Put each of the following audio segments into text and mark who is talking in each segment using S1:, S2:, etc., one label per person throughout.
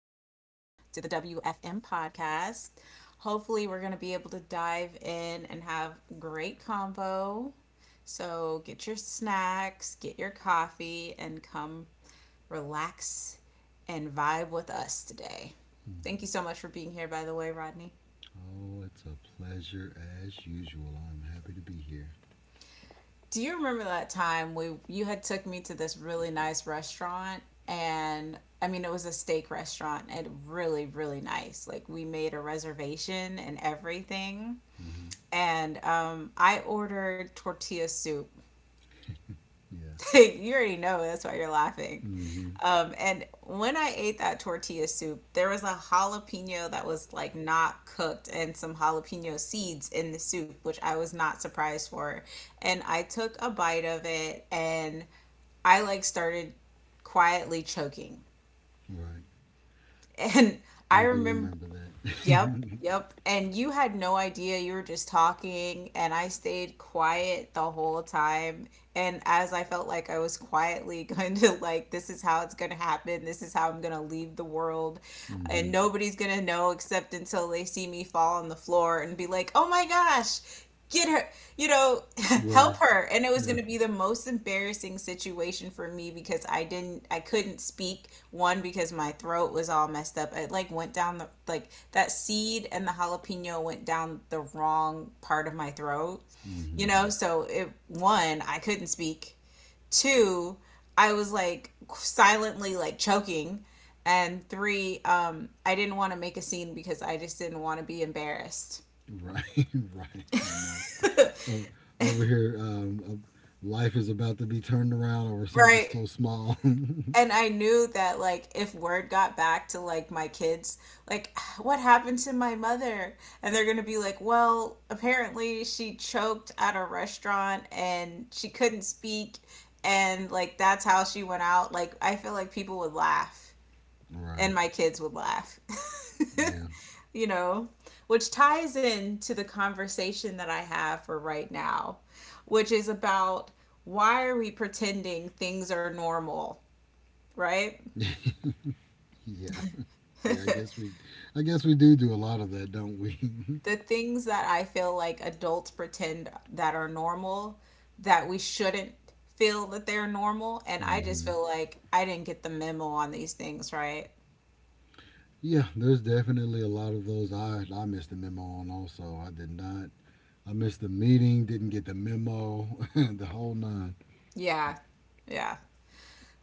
S1: to the WFM podcast. Hopefully, we're going to be able to dive in and have a great combo. So, get your snacks, get your coffee, and come relax and vibe with us today. Thank you so much for being here, by the way, Rodney.
S2: Oh, it's a pleasure as usual. I'm happy to be here.
S1: Do you remember that time we you had took me to this really nice restaurant? And I mean it was a steak restaurant and really nice. Like we made a reservation and everything.
S2: Hmm.
S1: And I ordered tortilla soup.
S2: Yeah.
S1: You already know that's why you're laughing.
S2: Hmm.
S1: And when I ate that tortilla soup, there was a jalapeno that was like not cooked and some jalapeno seeds in the soup, which I was not surprised for. And I took a bite of it and I like started quietly choking.
S2: Right.
S1: And
S2: I
S1: I
S2: do
S1: remember,
S2: remember
S1: yep,
S2: that.
S1: yep. And you had no idea, you were just talking, and I stayed quiet the whole time. And as I felt like I was quietly going to, like, this is how it's going to happen, this is how I'm going to leave the world
S2: Hmm.
S1: and nobody's gonna know except until they see me fall on the floor and be like, oh my gosh, get her, you know,
S2: Right.
S1: help her. And it was
S2: Yeah.
S1: going to be the most embarrassing situation for me because I couldn't speak. One, because my throat was all messed up. It like went down the, like that seed and the jalapeno went down the wrong part of my throat, you
S2: Hmm.
S1: know? So, it, one, I couldn't speak. Two, I was like silently like choking. And three, I didn't want to make a scene because I just didn't want to be embarrassed.
S2: Right. Right. I know. Over here, life is about to be turned around over something
S1: Right.
S2: so small.
S1: And I knew that like if word got back to like my kids, like what happened to my mother? And they're gonna be like, well, apparently she choked at a restaurant and she couldn't speak and like that's how she went out. Like I feel like people would laugh
S2: Right.
S1: and my kids would laugh.
S2: Yeah.
S1: You know, which ties into the conversation that I have for right now, which is about why are we pretending things are normal, right?
S2: Yeah. Yeah.
S1: The
S2: I guess we do do a lot of that, don't we?
S1: things that I feel like adults pretend that are normal that we shouldn't feel that they're normal. And I just
S2: Hmm.
S1: feel like I didn't get the memo on these things, right?
S2: Yeah, there's definitely a lot of those I missed the memo on also. I did not. I missed the meeting, didn't get the memo, the whole nine.
S1: Yeah, yeah.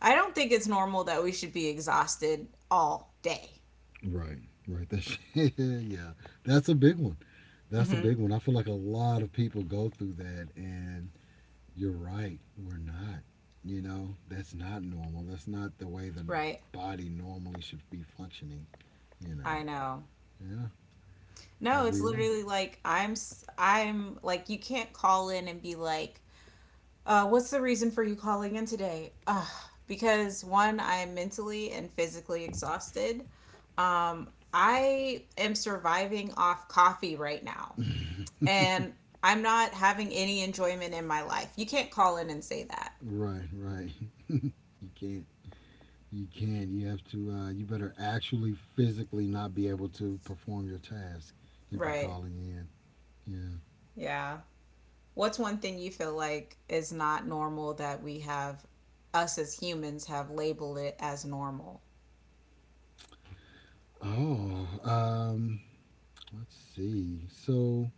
S1: I don't think it's normal that we should be exhausted all day,
S2: Right, right. That's yeah, that's a big one. That's a big one. I feel like a lot of people go through that, and you're right. We're not. You know, that's not normal. That's not the way the
S1: right?
S2: body normally should be functioning. You know,
S1: I know.
S2: yeah, but
S1: No, it's
S2: we are.
S1: literally like I'm like you can't call in and be like, "What's the reason for you calling in today?" Because one, I'm mentally and physically exhausted. I am surviving off coffee right now, and I'm not having any enjoyment in my life. You can't call in and say that,
S2: Right, right. You can't You can't. You have to. You better actually physically not be able to perform your task if you're
S1: right?
S2: calling in. Yeah.
S1: Yeah. What's one thing you feel like is not normal that us as humans have labeled it as normal,
S2: Oh. Let's see. So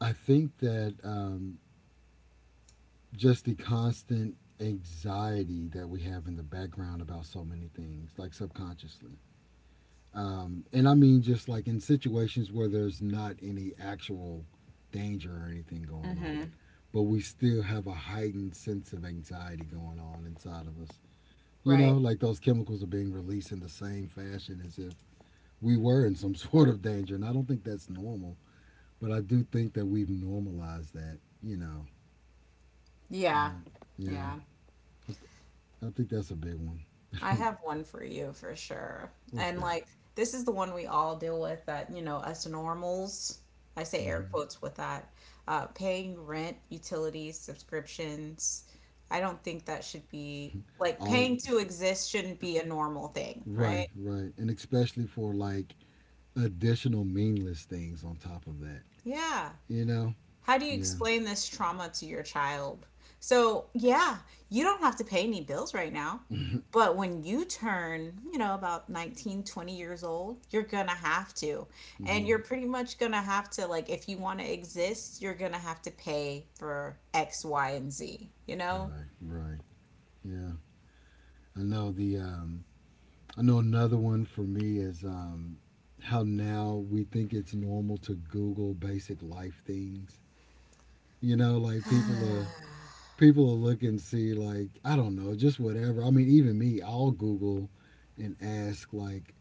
S2: I think that just the constant anxiety that we have in the background about so many things, like subconsciously. And I mean, just like in situations where there's not any actual danger or anything going on,
S1: hmm,
S2: but we still have a heightened sense of anxiety going on inside of us. You know,
S1: right?
S2: like those chemicals are being released in the same fashion as if we were in some sort of danger. And I don't think that's normal, but I do think that we've normalized that, you know.
S1: Yeah.
S2: Yeah, yeah.
S1: Yeah.
S2: I, th- I think that's a big one.
S1: I have one for you for sure.
S2: What's
S1: And
S2: that?
S1: like this is the one we all deal with that, you know, us normals, I say air
S2: Hmm.
S1: quotes with that, paying rent, utilities, subscriptions. I don't think that should be like,
S2: All
S1: paying to exist shouldn't be a normal thing, right?
S2: right, right, and especially for like additional meaningless things on top of that.
S1: Yeah.
S2: You know?
S1: How do you
S2: Yeah.
S1: explain this trauma to your child? So, yeah, you don't have to pay any bills right now. But when you turn, you know, about 19, 20 years old, you're gonna have to. And
S2: Hmm.
S1: you're pretty much gonna have to, like, if you wanna exist, you're gonna have to pay for X, Y, and Z, you know?
S2: Right. Right. Yeah. I know the. I know another one for me is how now we think it's normal to Google basic life things. You know, like people will look and see like I don't know, just whatever. I mean, even me, I'll Google and ask like,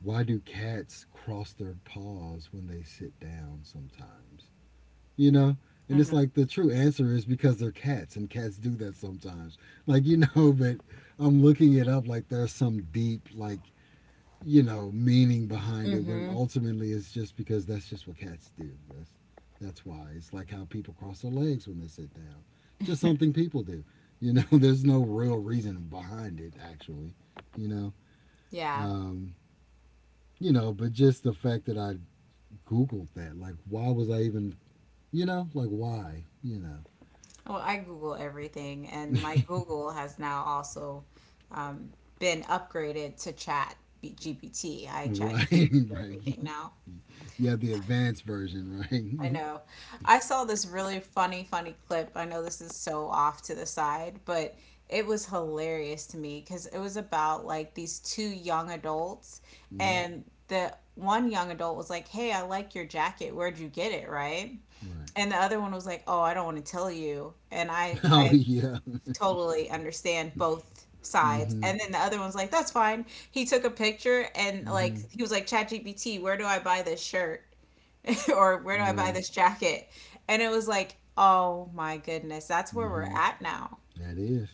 S2: why do cats cross their paws when they sit down sometimes? You know? And
S1: Mm-hmm.
S2: it's like the true answer is because they're cats and cats do that sometimes. Like, you know, but I'm looking it up like there's some deep, like, you know, meaning behind it when
S1: Mm-hmm.
S2: ultimately it's just because that's just what cats do. That's why. It's like how people cross their legs when they sit down. It's just something people do. You know, there's no real reason behind it actually. You know?
S1: Yeah.
S2: Um, but just the fact that I Googled that, like why was I even, like why? You know.
S1: Well, I Google everything, and my Google has now also um, been upgraded to GPT. I Chat
S2: Right,
S1: GPT
S2: right.
S1: everything now.
S2: You have the advanced version,
S1: I
S2: right?
S1: know. I saw this really funny clip. I know this is so off to the side, but it was hilarious to me because it was about like these two young adults,
S2: Mm-hmm.
S1: and the one young adult was like, "Hey, I like your jacket. Where'd you get it?" Right?
S2: Right.
S1: And the other one was like, "Oh, I don't want to tell you." And I
S2: Oh
S1: I
S2: yeah.
S1: totally understand both sides.
S2: Mm-hmm.
S1: And then the other one's like, that's fine. He took a picture and like
S2: Mm-hmm.
S1: he was like, ChatGPT, where do I buy this shirt? Or where do I buy
S2: Right.
S1: this jacket? And it was like, oh my goodness, that's where we're
S2: Mm-hmm.
S1: at now.
S2: That is.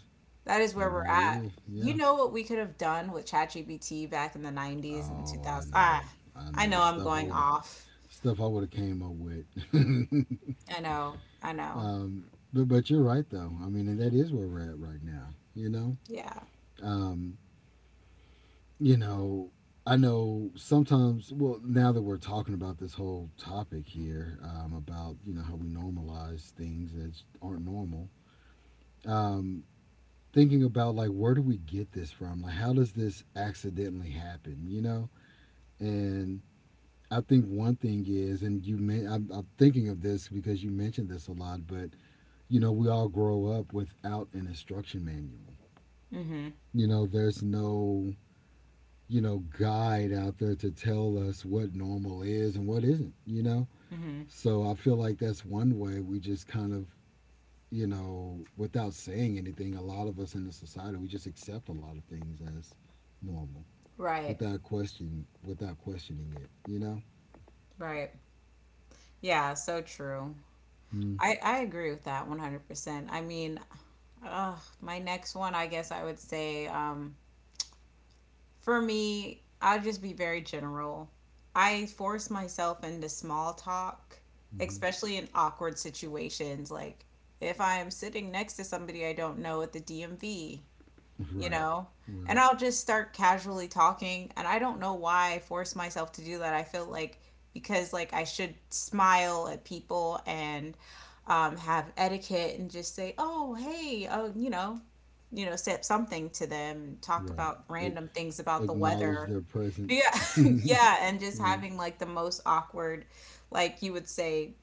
S1: That is
S2: That
S1: where we're
S2: really
S1: at.
S2: is.
S1: You
S2: Yeah.
S1: know what we could have done with ChatGPT back in the 90's and
S2: Oh, I
S1: 2000's? Ah,
S2: know. I
S1: I
S2: know the
S1: know I'm going off.
S2: stuff I would have came up with.
S1: I know. I know.
S2: um, but you're right though. I mean, and that is where we're at right now. You know.
S1: Yeah.
S2: Um, you know, I know sometimes, well, now that we're talking about this whole topic here, about, how we normalize things that aren't normal, um, thinking about like, where do we get this from? Like, how does this accidentally happen, you know? And I think one thing is, and you, men- I'm thinking of this because you mentioned this a lot, but, you know, we all grow up without an instruction manual.
S1: Mm-hmm.
S2: You know, there's no, guide out there to tell us what normal is and what isn't, you know?
S1: Mm-hmm.
S2: So I feel like that's one way we just kind of, you know, without saying anything, a lot of us in the society, we just accept a lot of things as normal
S1: Right.
S2: without question, without questioning it, you know?
S1: Right. Yeah, so true.
S2: Mm-hmm.
S1: I agree with that 100%. I mean, uh, my next one, I guess I would say, for me, I'll just be very general. I force myself into small talk, especially in awkward situations. Like if I'm sitting next to somebody I don't know at the DMV, you
S2: Right,
S1: know? And
S2: right,
S1: I'll just start casually talking. And I don't know why I force myself to do that. I feel like because like I should smile at people and have etiquette and just say, oh, hey, oh, you know, say something to them, talk
S2: right.
S1: about
S2: A-
S1: random things about the
S2: acknowledge
S1: weather.
S2: their presence,
S1: Yeah, yeah, and just
S2: right?
S1: having like the most awkward, like you would say,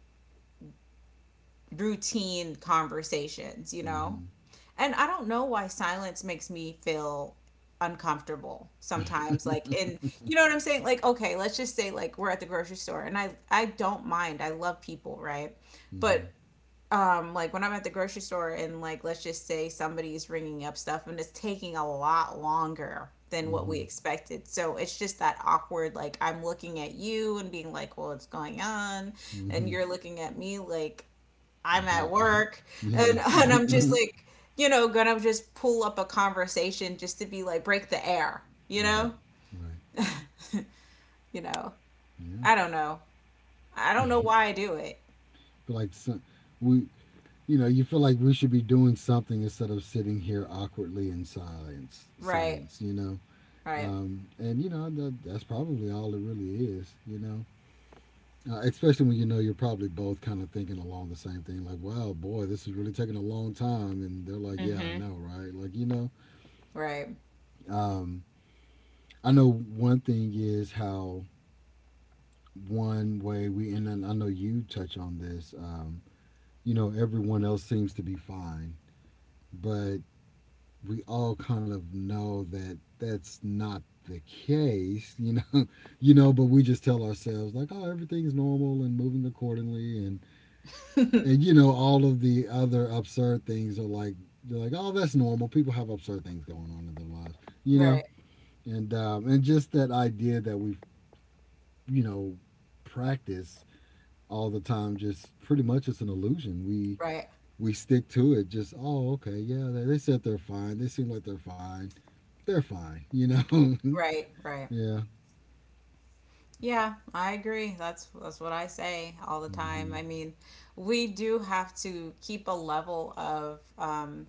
S1: routine conversations, you know?
S2: Mm-hmm,
S1: And I don't know why silence makes me feel uncomfortable sometimes. Like, you know what I'm saying? Like, okay, let's just say like we're at the grocery store and I don't mind. I love people, right? But
S2: mm-hmm,
S1: like when I'm at the grocery store and like let's just say somebody's ringing up stuff and it's taking a lot longer than what
S2: mm-hmm,
S1: we expected. So it's just that awkward, like I'm looking at you and being like, "Well, what's going on?" And
S2: mm-hmm.
S1: you're looking at me like I'm
S2: Like
S1: at
S2: I
S1: work, and
S2: yeah,
S1: and I'm just like, you know, gonna just pull up a conversation just to be like break the air, you
S2: right,
S1: know?
S2: right,
S1: You know.
S2: yeah.
S1: I don't know. I don't know why I do it.
S2: like some, we you know, you feel like we should be doing something instead of sitting here awkwardly in silence
S1: Right.
S2: silence You know,
S1: Right.
S2: and you know that, that's probably all it really is, you know. Especially when you know, you're probably both kind of thinking along the same thing like, wow, boy, this is really taking a long time, and they're like, yeah, I
S1: Mm-hmm.
S2: know, right, like, you know.
S1: Right.
S2: um, I know one thing is how one way we, and I know you touch on this, you know, everyone else seems to be fine, but we all kind of know that that's not the case, you know, you know, but we just tell ourselves like, oh, everything's normal and moving accordingly, and you know, all of the other absurd things are like they're like, oh, that's normal. People have absurd things going on in their lives, you know,
S1: Right.
S2: and just that idea that we, you know, practice all the time, just pretty much it's an illusion. We
S1: Right.
S2: we stick to it. Just oh, okay, yeah, they said they're fine. They seem like they're fine. They're fine, you know.
S1: Right. Right.
S2: Yeah.
S1: Yeah, I agree. That's what I say all the time. I
S2: Mm-hmm.
S1: mean, we do have to keep a level of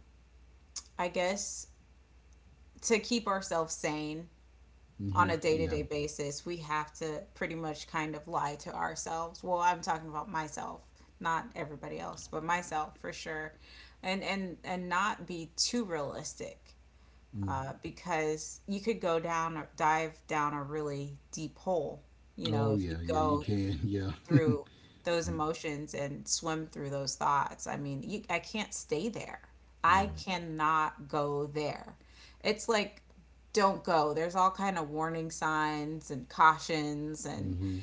S1: I guess, to keep ourselves sane on
S2: Mm-hmm.
S1: a
S2: Yeah.
S1: day-to-day basis. We have to pretty much kind of lie to ourselves, well, I'm talking about myself, not everybody else, but myself for sure, and not be too realistic,
S2: Mm.
S1: because you could go down or dive down a really deep hole, you know,
S2: Oh
S1: if you
S2: yeah. Yeah. You
S1: go
S2: can. Yeah.
S1: through those emotions and swim through those thoughts. I mean, I can't stay there. I
S2: Right.
S1: cannot go there. It's like don't go. There's all kind of warning signs and cautions and,
S2: Mm-hmm.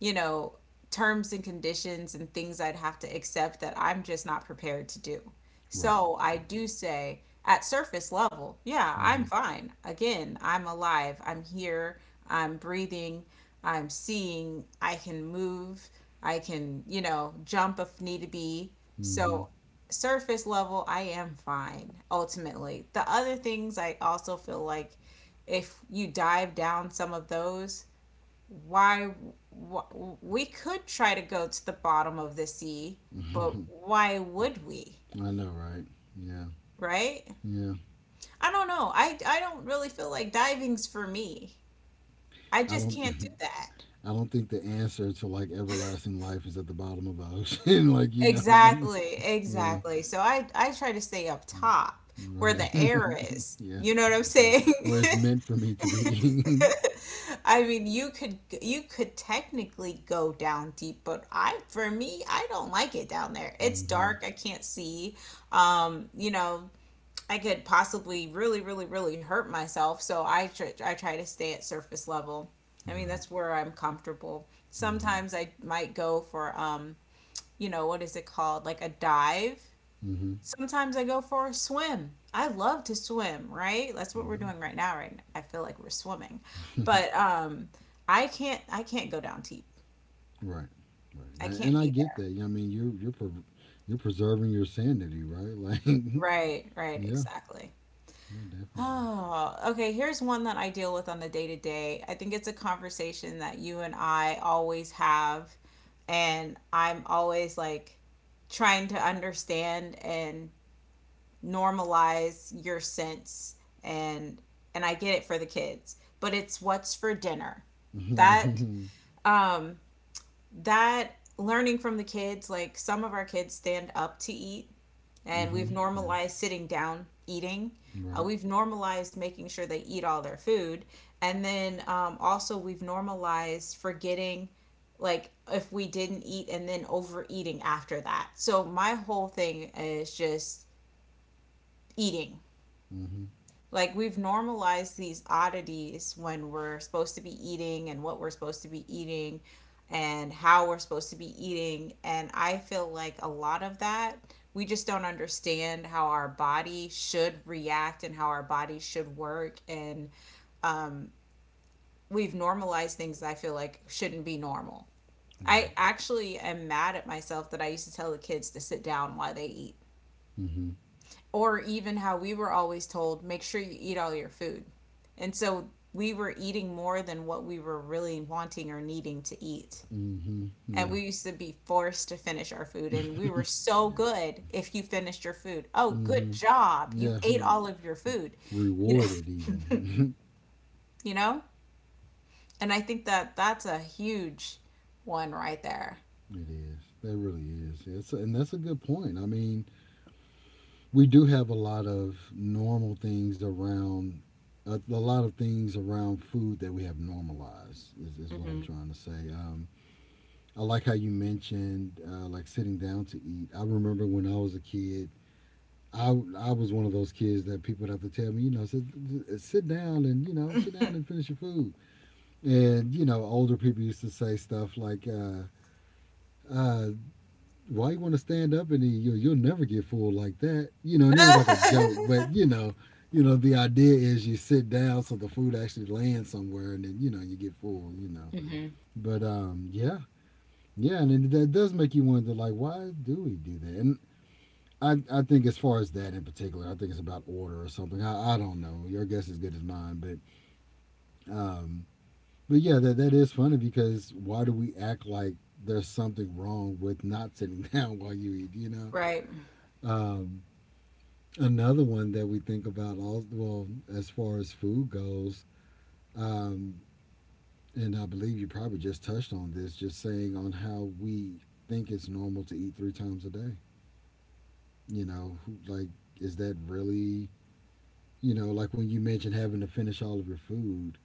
S1: you know, terms and conditions and things I'd have to accept that I'm just not prepared to do.
S2: Right.
S1: So I do say, at surface level, yeah, I'm
S2: Mm-hmm.
S1: fine. Again, I'm alive. I'm here. I'm breathing. I'm seeing. I can move. I can, you know, jump if need to be.
S2: Mm-hmm.
S1: So, surface level, I am fine ultimately. The other things I also feel like if you dive down some of those, why, we could try to go to the bottom of the sea, but why would we?
S2: I know. Right. Yeah.
S1: Right?
S2: Yeah.
S1: I don't know. I don't really feel like diving's for me. I
S2: I
S1: just
S2: don't.
S1: can't do that.
S2: I don't think the answer to like everlasting life is at the bottom of the ocean. Like, you know.
S1: Exactly,
S2: Yeah.
S1: exactly. So I try to stay up top where
S2: Right.
S1: the air is.
S2: Yeah.
S1: You know what I'm
S2: Yeah.
S1: saying?
S2: Where it's meant for me to be.
S1: I mean, you could technically go down deep, but I for me, I don't like it down there. It's
S2: Mm-hmm.
S1: dark, I can't see. You know, I could possibly really hurt myself. So I try to stay at surface level. I mean,
S2: Right.
S1: that's where I'm comfortable.
S2: Mm-hmm.
S1: Sometimes I might go for you know, what is it called? Like a dive.
S2: Mm-hmm.
S1: Sometimes I go for a swim. I love to swim, right? That's what we're
S2: Right.
S1: doing right now. Right? I feel like we're swimming, but I can't. I can't go down deep.
S2: Right, right,
S1: I
S2: and
S1: can't
S2: I
S1: be
S2: get
S1: there.
S2: that. Yeah, I mean, you're preserving your sanity, right? Like, yeah,
S1: Right. Right. Exactly.
S2: yeah, definitely.
S1: Oh, okay. Here's one that I deal with on the day to day. I think it's a conversation that you and I always have. And I'm always like trying to understand and normalize your sense and I get it for the kids, but it's what's for dinner.
S2: Mm-hmm,
S1: That
S2: mm-hmm,
S1: um that learning from the kids, like some of our kids stand up to eat, and
S2: mm-hmm.
S1: we've
S2: Yeah,
S1: normalized sitting down eating.
S2: right,
S1: We've normalized making sure they eat all their food, and then also we've normalized forgetting, like if we didn't eat and then overeating after that. So my whole thing is just eating.
S2: mm-hmm,
S1: Like we've normalized these oddities when we're supposed to be eating and what we're supposed to be eating and how we're supposed to be eating. And I feel like a lot of that, we just don't understand how our body should react and how our body should work. And we've normalized things that I feel like shouldn't be normal. I
S2: right,
S1: actually am mad at myself that I used to tell the kids to sit down while they eat.
S2: mm-hmm,
S1: Or even how we were always told make sure you eat all your food. And so we were eating more than what we were really wanting or needing to eat.
S2: mm-hmm,
S1: And
S2: yeah,
S1: we used to be forced to finish our food. And we were so
S2: yeah,
S1: good. If you finished your food, oh, good
S2: mm-hmm,
S1: job, you
S2: yeah.
S1: ate
S2: You're
S1: all of your food. You
S2: rewarded,
S1: know?
S2: even.
S1: You know? And I think that that's a huge one right there.
S2: It is. That really is. It's, and that's a good point. I mean, we do have a lot of normal things around a lot of things around food that we have normalized, is what I'm trying to say. I like how you mentioned, like sitting down to eat. I remember when I was a kid, I, I was one of those kids that people would have to tell me, you know, sit down and, you know, sit down and finish your food. And, you know, older people used to say stuff like, uh, why you want to stand up, and you'll never get fooled like that, you know, and it was like a joke, but you know, you know, the idea is you sit down so the food actually lands somewhere, and then, you know, you get fooled, you know. But yeah, yeah, and that does make you wonder like, why do we do that? And I think as far as that in particular, I think it's about order or something. I don't know, your guess is as good as mine. But um but yeah, that, that is funny, because why do we act like there's something wrong with not sitting down while you eat, you know?
S1: Right.
S2: um Another one that we think about, all, well, as far as food goes, um, and I believe you probably just touched on this, just saying on how we think it's normal to eat three times a day. You know, who, like, is that really, you know, like when you mentioned having to finish all of your food,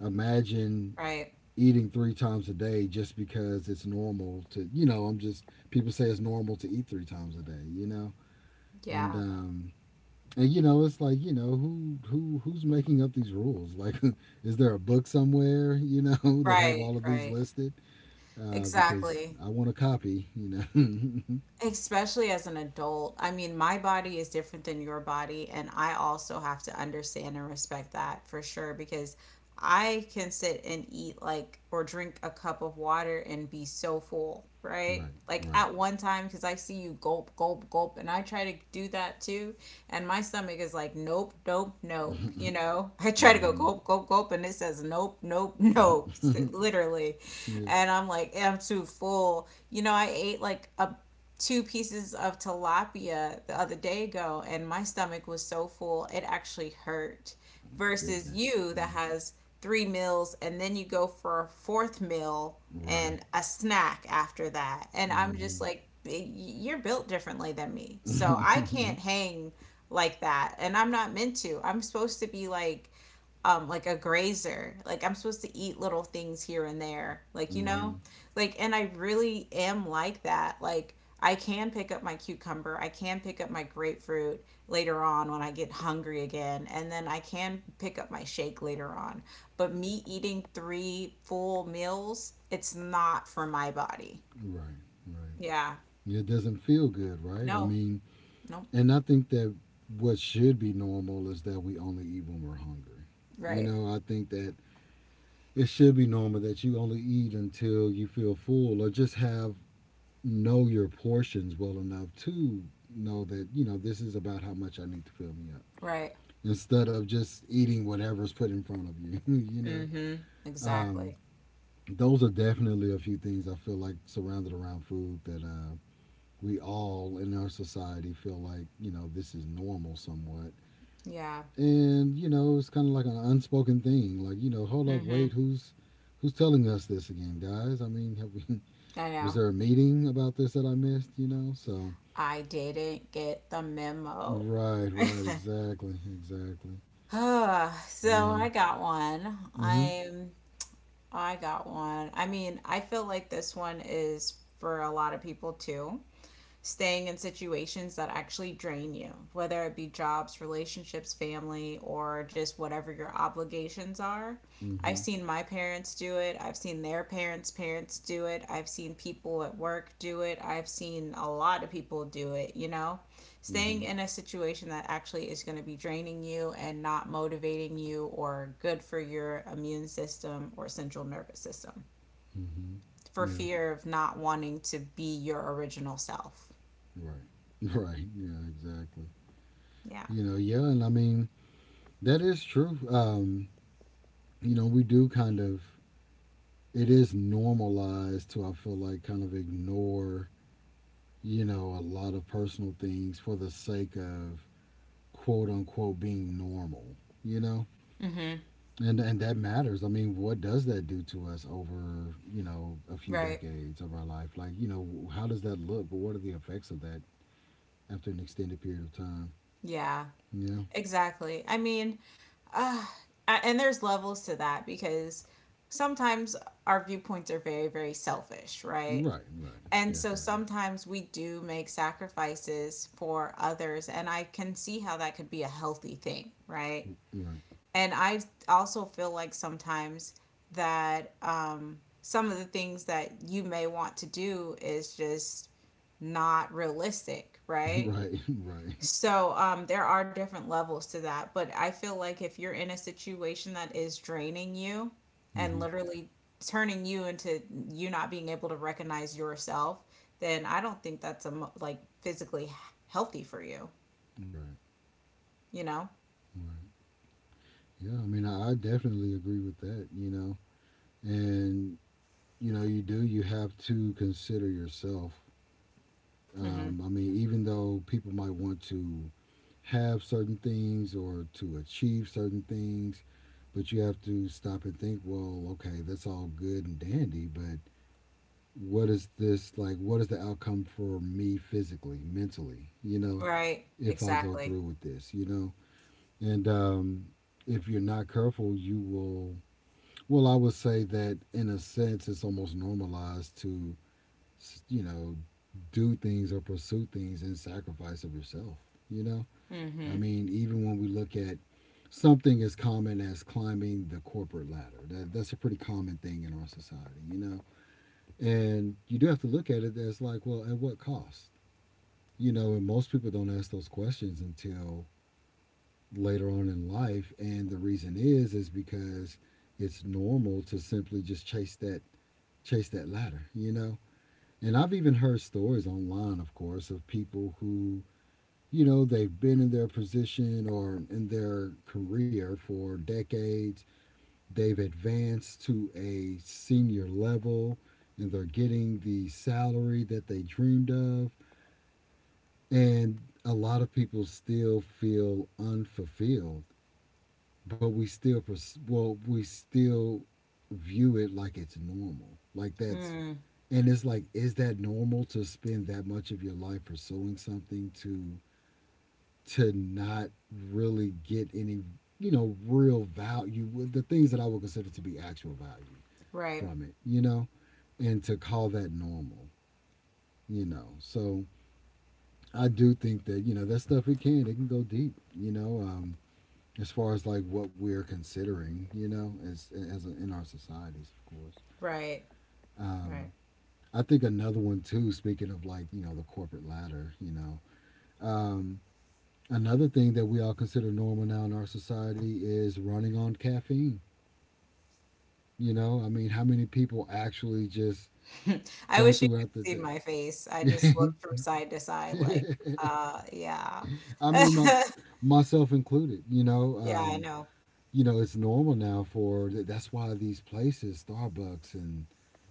S2: imagine
S1: Right.
S2: eating three times a day just because it's normal to, you know I'm just people say it's normal to eat three times a day, you know. And
S1: Yeah.
S2: And you know, it's like, you know, who's making up these rules? Like, is there a book somewhere, you know, that have
S1: Right.
S2: all of these
S1: Right.
S2: listed? Because
S1: Exactly.
S2: I want a copy. You know,
S1: Especially as an adult. I mean, my body is different than your body, and I also have to understand and respect that for sure, because I can sit and eat like or drink a cup of water and be so full, right?
S2: right,
S1: Like
S2: right,
S1: at one time, because I see you gulp, gulp, gulp, and I try to do that too. And my stomach is like, nope, nope, nope. You know, I try to go
S2: hmm,
S1: gulp, gulp, gulp, and it says nope, nope, nope, literally.
S2: yeah,
S1: And I'm like, I'm too full. You know, I ate like a two pieces of tilapia the other day ago, and my stomach was so full it actually hurt, versus
S2: goodness,
S1: you that
S2: yeah,
S1: has three meals and then you go for a fourth meal
S2: right,
S1: and a snack after that, and I'm just
S2: hmm,
S1: like, you're built differently than me, so I can't hang like that, and I'm not meant to. I'm supposed to be like, like a grazer. Like I'm supposed to eat little things here and there, like, you know,
S2: hmm,
S1: like, and I really am like that. Like, I can pick up my cucumber, I can pick up my grapefruit later on when I get hungry again, and then I can pick up my shake later on. But me eating three full meals, it's not for my body.
S2: right, right.
S1: Yeah.
S2: Yeah, it doesn't feel good, right? I
S1: No.
S2: mean,
S1: Nope.
S2: and I think that what should be normal is that we only eat when we're hungry. You
S1: Right.
S2: know, I think that it should be normal that you only eat until you feel full or just have know your portions well enough to know that this is about how much I need to fill me up
S1: Right.
S2: instead of just eating whatever's put in front of you
S1: Mm-hmm.
S2: um,
S1: Exactly.
S2: those are definitely a few things I feel like surrounded around food that we all in our society feel like this is normal somewhat
S1: Yeah.
S2: and it's kind of like an unspoken thing like hold up,
S1: Mm-hmm.
S2: wait, who's telling us this again, guys? I mean, have we
S1: I
S2: was
S1: know.
S2: there a meeting about this that I missed, so
S1: I didn't get the memo.
S2: right, right, exactly, exactly,
S1: Ah, so
S2: yeah,
S1: I got one.
S2: mm-hmm,
S1: I'm I got one. I mean, I feel like this one is for a lot of people too, staying in situations that actually drain you, whether it be jobs, relationships, family, or just whatever your obligations are. I've
S2: mm-hmm,
S1: seen my parents do it. I've seen their parents' parents do it. I've seen people at work do it. I've seen a lot of people do it, you know?
S2: mm-hmm,
S1: Staying in a situation that actually is going to be draining you and not motivating you or good for your immune system or central nervous system
S2: mm-hmm,
S1: for
S2: yeah,
S1: fear of not wanting to be your original self.
S2: right, right, yeah, exactly.
S1: Yeah.
S2: You know, yeah, and I mean, that is true. We do kind of, it is normalized to, I feel like, kind of ignore, a lot of personal things for the sake of quote unquote being normal, you know?
S1: Mhm.
S2: and that matters. I mean, what does that do to us over, a few
S1: Right.
S2: decades of our life? Like, how does that look? But what are the effects of that after an extended period of time?
S1: Yeah.
S2: Yeah.
S1: Exactly. I mean, uh, a- and there's levels to that, because sometimes our viewpoints are very, very selfish, right?
S2: Right, right.
S1: And so
S2: Definitely.
S1: sometimes we do make sacrifices for others, and I can see how that could be a healthy thing, right?
S2: Right.
S1: And I also feel like sometimes that some of the things that you may want to do is just not realistic, right?
S2: Right, right.
S1: So there are different levels to that, but I feel like if you're in a situation that is draining you and
S2: Mhm.
S1: literally turning you into you not being able to recognize yourself, then I don't think that's a mo- like physically h- healthy for you,
S2: Right.
S1: you know?
S2: Right. Yeah, I mean, I definitely agree with that, you know. And, you do, you have to consider yourself.
S1: Hmm.
S2: I mean, even though people might want to have certain things or to achieve certain things, but you have to stop and think, well, okay, that's all good and dandy, but what is this like? What is the outcome for me physically, mentally, you know,
S1: Right,
S2: if I go
S1: exactly.
S2: through with this, you know? And if you're not careful, you will, well, I would say that in a sense, it's almost normalized to you know, do things or pursue things in sacrifice of yourself. You know, I
S1: Hmm.
S2: mean, even when we look at something as common as climbing the corporate ladder, that's a pretty common thing in our society, you know, and you do have to look at it as like, well, at what cost? You know, and most people don't ask those questions until later on in life. And the reason is because it's normal to simply just chase that ladder, you know. And I've even heard stories online, of course, of people who, you know, they've been in their position or in their career for decades. They've advanced to a senior level and they're getting the salary that they dreamed of. And a lot of people still feel unfulfilled, but we still, well, we still view it like it's normal. Like that's,
S1: Mm,
S2: and it's like, is that normal to spend that much of your life pursuing something to not really get any real value with the things that I would consider to be actual value
S1: right,
S2: from it, you know, and to call that normal, you know, so I do think that that stuff, it can, it can go deep, you know. As far as like what we're considering, you know, as a, in our societies, of course.
S1: right, right.
S2: um I think another one too. Speaking of like the corporate ladder, you know, Um, another thing that we all consider normal now in our society is running on caffeine. You know, I mean, how many people actually just
S1: I
S2: go
S1: wish you could
S2: throughout the
S1: have seen
S2: day?
S1: my face. I just looked from side to side like, yeah.
S2: I mean, myself included.
S1: Yeah, I know.
S2: You know, it's normal now for that's why these places, Starbucks and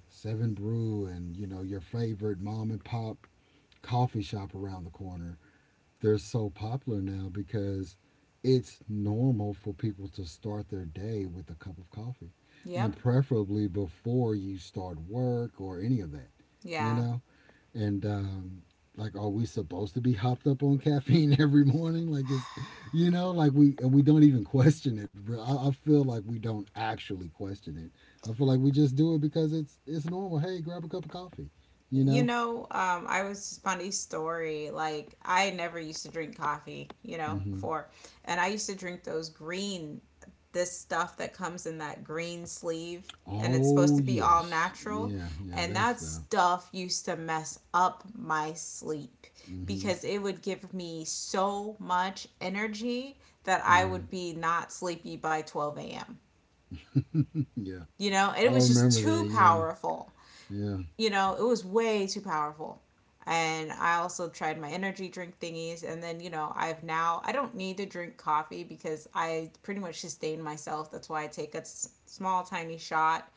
S2: Seven Brew, and you know, your favorite mom and pop coffee shop around the corner, they're so popular now because it's normal for people to start their day with a cup of coffee and
S1: Yep.
S2: preferably before you start work or any of that, you
S1: Yeah.
S2: know? And like, are we supposed to be hopped up on caffeine every morning? Like, you know, like and we don't even question it. I feel like we don't actually question it. I feel like we just do it because it's normal. Hey, grab a cup of coffee, you
S1: You
S2: know?
S1: know, I was, funny story. Like I never used to drink coffee, you know,
S2: Hmm.
S1: before. And I used to drink those green, this stuff that comes in that green sleeve, and it's supposed
S2: Oh,
S1: to be all
S2: yes.
S1: natural.
S2: Yeah, yeah,
S1: And
S2: that's
S1: that
S2: stuff.
S1: stuff used to mess up my sleep
S2: Mm-hmm.
S1: because it would give me so much energy that I
S2: Right.
S1: would be not sleepy by 12 a.m.
S2: Yeah.
S1: You know, and
S2: I
S1: it was just
S2: remember that.
S1: too
S2: Yeah.
S1: powerful.
S2: Yeah.
S1: You know, it was way too powerful. And I also tried my energy drink thingies. And then, you know, I've now, I don't need to drink coffee because I pretty much sustain myself. That's why I take a s- small, tiny shot.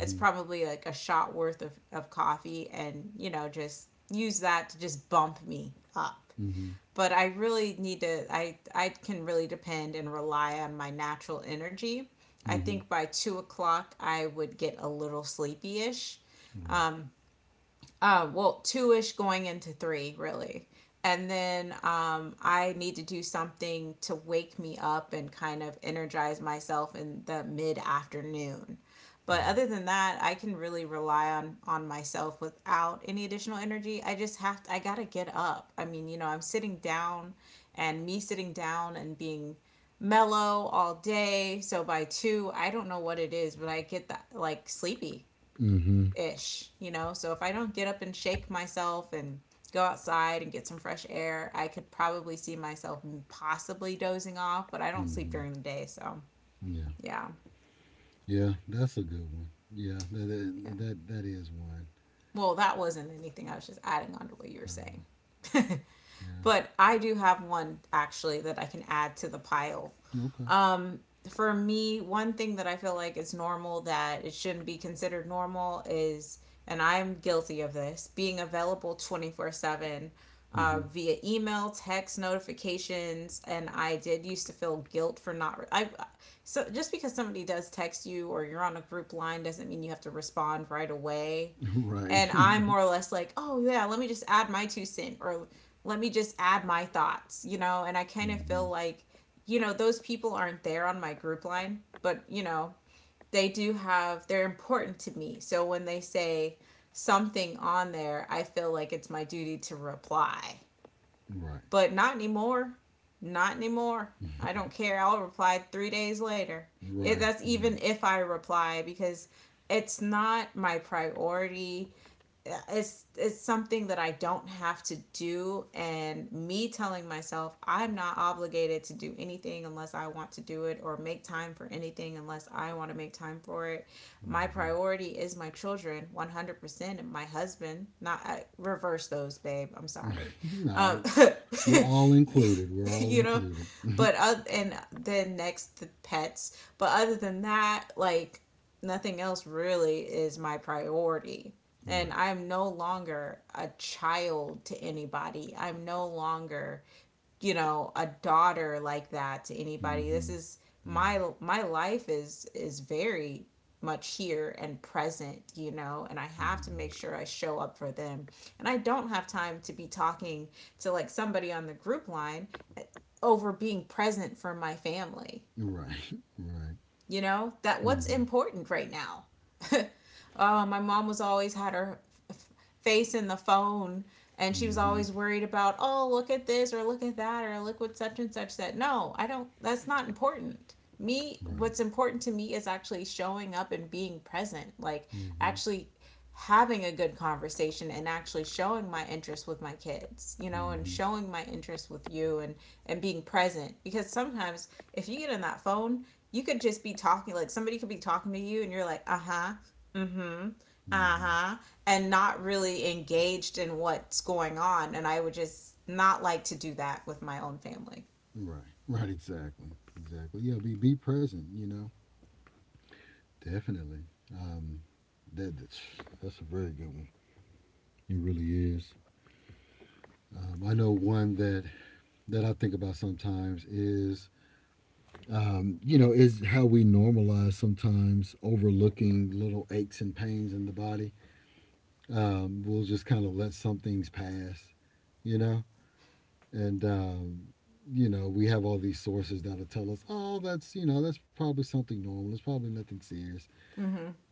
S1: It's probably like a shot worth of coffee, and, you know, just use that to just bump me up.
S2: Mm-hmm.
S1: But I really need to, I can really depend and rely on my natural energy. I
S2: Mm-hmm.
S1: think by 2 o'clock, I would get a little sleepy ish,
S2: Right.
S1: well, two ish going into three, really. And then I need to do something to wake me up and kind of energize myself in the mid afternoon. But
S2: Right.
S1: other than that, I can really rely on myself without any additional energy. I just have to, I gotta get up. I mean, you know, I'm sitting down, and me sitting down and being mellow all day. So by two, I don't know what it is, but I get that like sleepy
S2: Mm-hmm.
S1: ish, you know? So if I don't get up and shake myself and go outside and get some fresh air, I could probably see myself possibly dozing off, but I don't sleep
S2: Mm-hmm.
S1: during the day. So
S2: Yeah.
S1: yeah,
S2: Yeah. That's a good one. Yeah. That
S1: yeah.
S2: that that, that is one.
S1: Well, that wasn't anything. I was just adding on to what you were saying.
S2: Um, yeah.
S1: But I do have one actually that I can add to the pile.
S2: Okay.
S1: Um, for me, one thing that I feel like is normal that it shouldn't be considered normal is, and I'm guilty of this, being available 24/7,
S2: Mm-hmm.
S1: via email, text notifications, and I did used to feel guilt for not. Re- I, so just because somebody does text you or you're on a group line doesn't mean you have to respond right away.
S2: Right.
S1: And I'm more or less like, oh yeah, let me just add my 2 cent, or let me just add my thoughts, you know. And I kind of
S2: mm-hmm.
S1: feel like, you know, those people aren't there on my group line, but you know, they do have, they're important to me. So when they say something on there, I feel like it's my duty to reply.
S2: Right.
S1: But not anymore. Not anymore. I don't care. I'll reply 3 days later. It,
S2: Right.
S1: that's
S2: Right.
S1: even if I reply, because it's not my priority. It's something that I don't have to do, and me telling myself I'm not obligated to do anything unless I want to do it, or make time for anything unless I want to make time for it. My
S2: Mm-hmm.
S1: priority is my children 100% and my husband. Not, I, reverse those, babe. I'm sorry. Um.
S2: no, we're all included. We're all
S1: You know,
S2: included.
S1: but and then next the pets. But other than that, like nothing else really is my priority. And
S2: Right.
S1: I'm no longer a child to anybody. I'm no longer, you know, a daughter like that to anybody. This
S2: Mm-hmm.
S1: is
S2: Yeah.
S1: my, my life is very much here and present, you know, and I have to make
S2: Mm-hmm.
S1: sure I show up for them. And I don't have time to be talking to like somebody on the group line over being present for my family,
S2: Right. Right.
S1: you know, that what's
S2: Mm-hmm.
S1: important right now. My mom was always had her face in the phone, and she was
S2: Mm-hmm.
S1: always worried about, oh, look at this, or look at that, or look what such and such said. No, I don't, that's not important. Me,
S2: Right.
S1: what's important to me is actually showing up and being present, like
S2: Mm-hmm.
S1: actually having a good conversation and actually showing my interest with my kids, you know, and
S2: Mm-hmm.
S1: showing my interest with you, and being present, because sometimes if you get in that phone, you could just be talking, like somebody could be talking to you and you're like, uh-huh, mm-hmm,
S2: Mm-hmm.
S1: uh-huh, and not really engaged in what's going on, and I would just not like to do that with my own family.
S2: Right. Right. Exactly. Exactly. Yeah. Be present. You know. Definitely. Um. That that's, that's a very good one. It really is. I know one that that I think about sometimes is you know, is how we normalize sometimes overlooking little aches and pains in the body. We'll just kind of let some things pass. You know, and you know, we have all these sources that'll tell us, oh, that's, you know, that's probably something normal, it's probably nothing serious,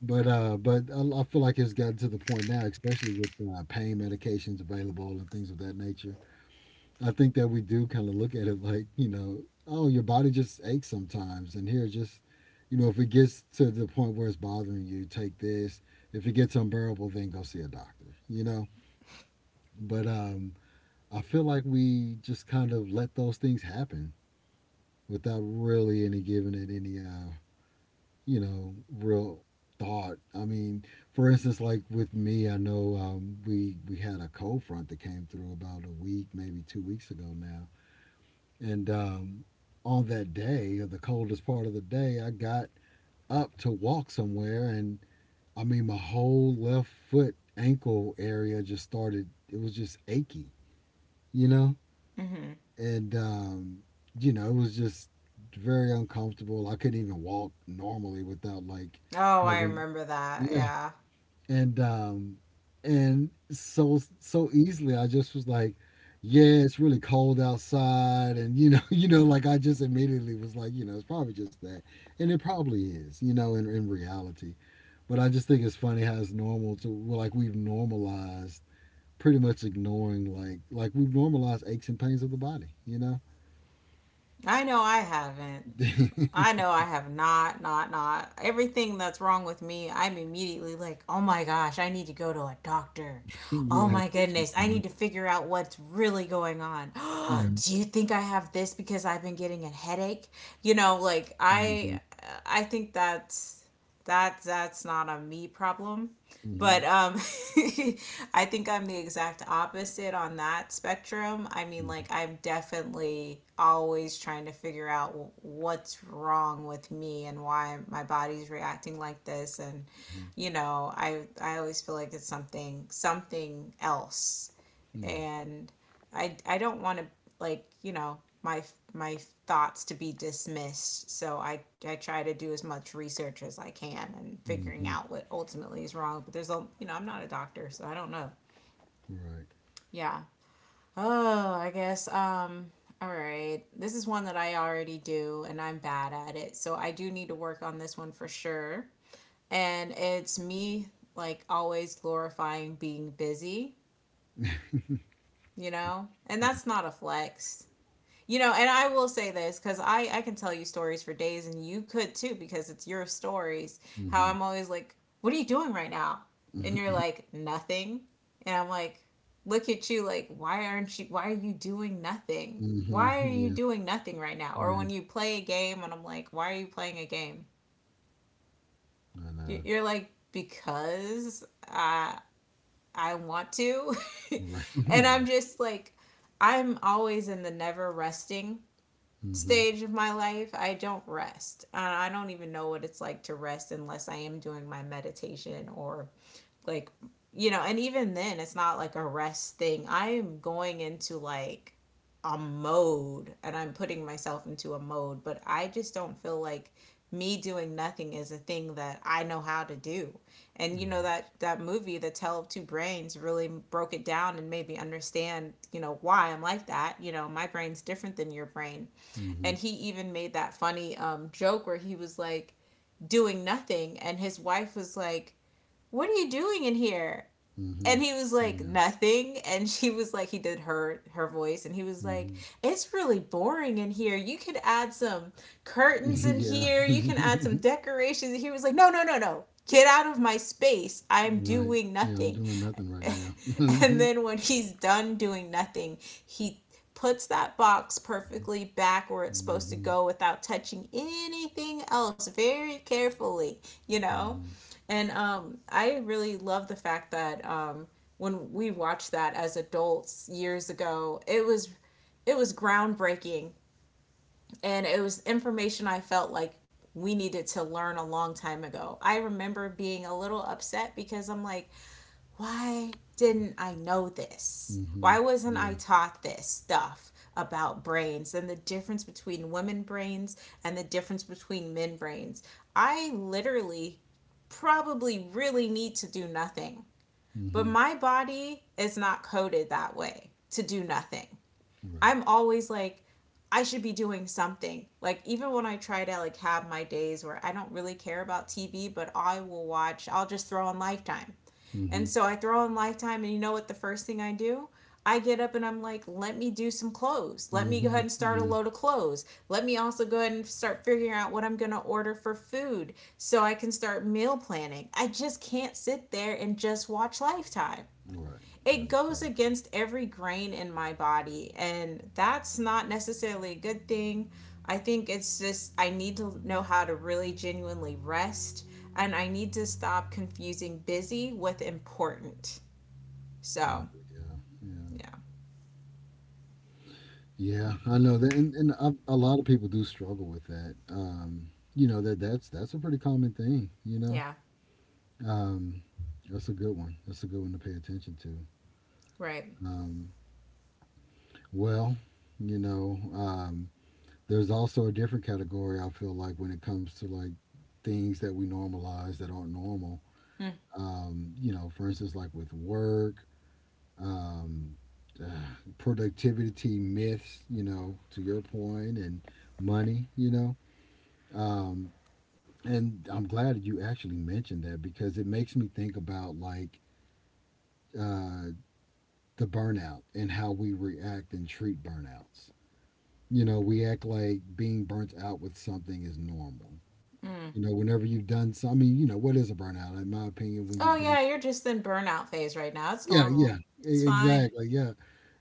S2: but I feel like it's gotten to the point now, especially with pain medications available and things of that nature. I think that we do kind of look at it like, you know, oh, your body just aches sometimes, and here, just you know, if it gets to the point where it's bothering you, take this. If it gets unbearable, then go see a doctor, you know. But I feel like we just kind of let those things happen without really any, giving it any you know, real thought. I mean, for instance, like with me, I know we had a cold front that came through about a week, maybe 2 weeks ago now, and on that day, or the coldest part of the day, I got up to walk somewhere, and I mean, my whole left foot ankle area just started. It was just achy, you know,
S1: Hmm.
S2: and you know, it was just very uncomfortable. I couldn't even walk normally without like
S1: Oh, I
S2: having,
S1: remember that.
S2: yeah,
S1: Yeah.
S2: and um, and so easily I just was like, yeah, it's really cold outside, and you know, you know, like I just immediately was like, you know, it's probably just that, and it probably is, you know, in reality, but I just think it's funny how it's normal to, well, like we've normalized pretty much ignoring, like we've normalized aches and pains of the body, you know.
S1: I know I haven't,
S2: Yeah,
S1: I know I have not, not, not. Everything that's wrong with me, I'm immediately like, oh my gosh, I need to go to a doctor.
S2: I
S1: Oh my
S2: guess you
S1: goodness, I
S2: could.
S1: need to figure out what's really going on.
S2: Yeah.
S1: Do you think I have this because I've been getting a headache? You know, like
S2: Mm-hmm.
S1: I think that's, that, that's not a me problem.
S2: Mm-hmm. Mm-hmm.
S1: But I think I'm the exact opposite on that spectrum. I mean, like, I'm definitely always trying to figure out what's wrong with me and why my body's reacting like this. And,
S2: Hmm.
S1: I always feel like it's something, something else
S2: Yeah.
S1: and I don't want to like my thoughts to be dismissed. So I try to do as much research as I can and figuring
S2: Mm-hmm.
S1: out what ultimately is wrong. But there's a you know I'm not a doctor, so I don't know.
S2: Right.
S1: Yeah. Oh, I guess, all right. This is one that I already do and I'm bad at it. So I do need to work on this one for sure. And it's me, like, always glorifying being busy, you know? And
S2: Yeah.
S1: that's not a flex. You know, and I will say this because I can tell you stories for days, and you could too because it's your stories. How
S2: Mm-hmm.
S1: I'm always like, what are you doing right now? And you're
S2: Mm-hmm.
S1: like, nothing. And I'm like, look at you, like, why are you doing nothing?
S2: Mm-hmm,
S1: Why are you
S2: yeah.
S1: doing nothing right now? Or
S2: Yeah.
S1: when you play a game, and I'm like, why are you playing a game?
S2: I know.
S1: Are like, because I want to.
S2: Right.
S1: And I'm
S2: right.
S1: just like, I'm always in the never resting
S2: Mm-hmm.
S1: stage of my life. I don't rest. And I don't even know what it's like to rest unless I am doing my meditation or, like, and even then, it's not like a rest thing. I am going into like a mode and I'm putting myself into a mode, but I just don't feel like me doing nothing is a thing that I know how to do. And you know
S2: Right.
S1: that that movie The Tale of Two Brains really broke it down and made me understand, why I'm like that. You know, my brain's different than your brain.
S2: Mm-hmm.
S1: And he even made that funny joke where he was like doing nothing, and his wife was like, what are you doing in here?
S2: Mm-hmm.
S1: And he was like,
S2: Yeah.
S1: nothing. And she was like, he did her voice, and he was like,
S2: Mm-hmm.
S1: it's really boring in here, you could add some curtains in
S2: yeah.
S1: here, you can add some decorations. And he was like, no, no, no, no, get out of my space, I'm
S2: right.
S1: doing
S2: Yeah. I'm
S1: nothing.
S2: doing nothing right now.
S1: And then when he's done doing nothing, he puts that box perfectly back where it's supposed to
S2: Mm-hmm.
S1: go without touching anything else very carefully, you know?
S2: Mm-hmm.
S1: And I really love the fact that, when we watched that as adults years ago, it was groundbreaking, and it was information I felt like we needed to learn a long time ago. I remember being a little upset because I'm like, why didn't I know this?
S2: Mm-hmm.
S1: Why wasn't I
S2: Yeah.
S1: taught this stuff about brains and the difference between women brains and the difference between men brains? I literally probably really need to do nothing, but
S2: Mm-hmm.
S1: my body is not coded that way to do nothing.
S2: Right.
S1: I'm always like, I should be doing something. Like, even when I try to, like, have my days where I don't really care about TV, but I will watch, I'll just throw on Lifetime. And
S2: Mm-hmm.
S1: so I throw on Lifetime, and you know what the first thing I do? I get up and I'm like, let me do some clothes. Let me go ahead
S2: Mm-hmm.
S1: and start a
S2: Yeah.
S1: load of clothes. Let me also go ahead and start figuring out what I'm going to order for food so I can start meal planning. I just can't sit there and just watch Lifetime.
S2: Right. Right.
S1: It goes
S2: Exactly.
S1: against every grain in my body, and that's not necessarily a good thing. I think it's just I need to know how to really genuinely rest, and I need to stop confusing busy with important.
S2: Oh,
S1: So,
S2: yeah, yeah,
S1: yeah.
S2: yeah. I know that, and a lot of people do struggle with that. You know, that's that's a pretty common thing. You know,
S1: Yeah.
S2: um, that's a good one. That's a good one to pay attention to.
S1: Right.
S2: Um, well, you know, there's also a different category. I feel like when it comes to like things that we normalize that aren't normal.
S1: Hmm.
S2: You know, for instance, like with work, um, uh, productivity myths, you know, to your point, and money, you know. Um, and I'm glad you actually mentioned that because it makes me think about like uh, the burnout and how we react and treat burnouts. You know, we act like being burnt out with something is normal. You know, whenever you've done some, I mean, you know, what is a burnout? In my opinion, when
S1: Oh,
S2: you've done,
S1: yeah, you're
S2: some,
S1: just in burnout phase right now, it's
S2: yeah,
S1: normal.
S2: yeah,
S1: It's fine.
S2: exactly, yeah.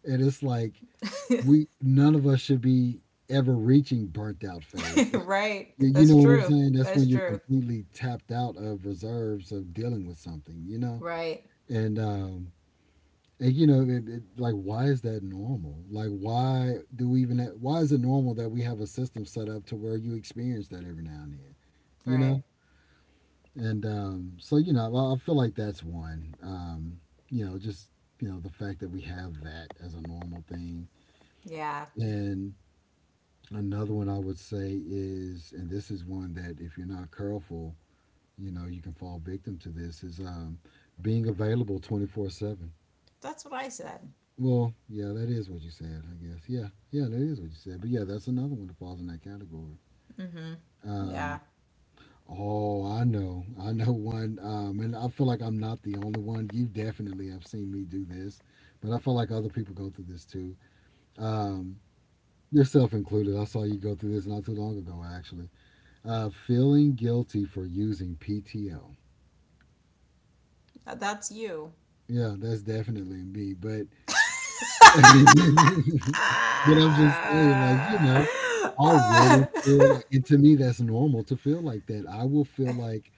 S2: And it's like, we, none of us should be ever reaching burnt out phase. Like
S1: Right.
S2: you know
S1: That's
S2: what I'm
S1: true.
S2: saying? That's when
S1: That's
S2: you're
S1: true.
S2: completely tapped out of reserves of dealing with something, you know?
S1: Right,
S2: And um and you know, like, why is that normal? Like, why do we even have, why is it normal that we have a system set up to where you experience that every now and then? You
S1: right.
S2: know? And so you know, I feel like that's one. You know, just you know, the fact that we have that as a normal thing.
S1: Yeah,
S2: And another one I would say is, and this is one that if you're not careful, you know, you can fall victim to this, is being available 24/7.
S1: that's what I said.
S2: Well, yeah, that is what you said, I guess. Yeah, yeah, that is what you said. But yeah, that's another one that falls in that category.
S1: Mm-hmm.
S2: Um,
S1: Yeah.
S2: oh, I know. I know one. And I feel like I'm not the only one. You definitely have seen me do this, but I feel like other people go through this too. Um, yourself included. I saw you go through this not too long ago, actually. Feeling guilty for using PTO.
S1: That's you.
S2: Yeah, that's definitely me. But but I'm just saying, like you
S1: Ah,
S2: know, I'll really
S1: ah.
S2: feel like, and to me, that's normal to feel like that. I will feel like,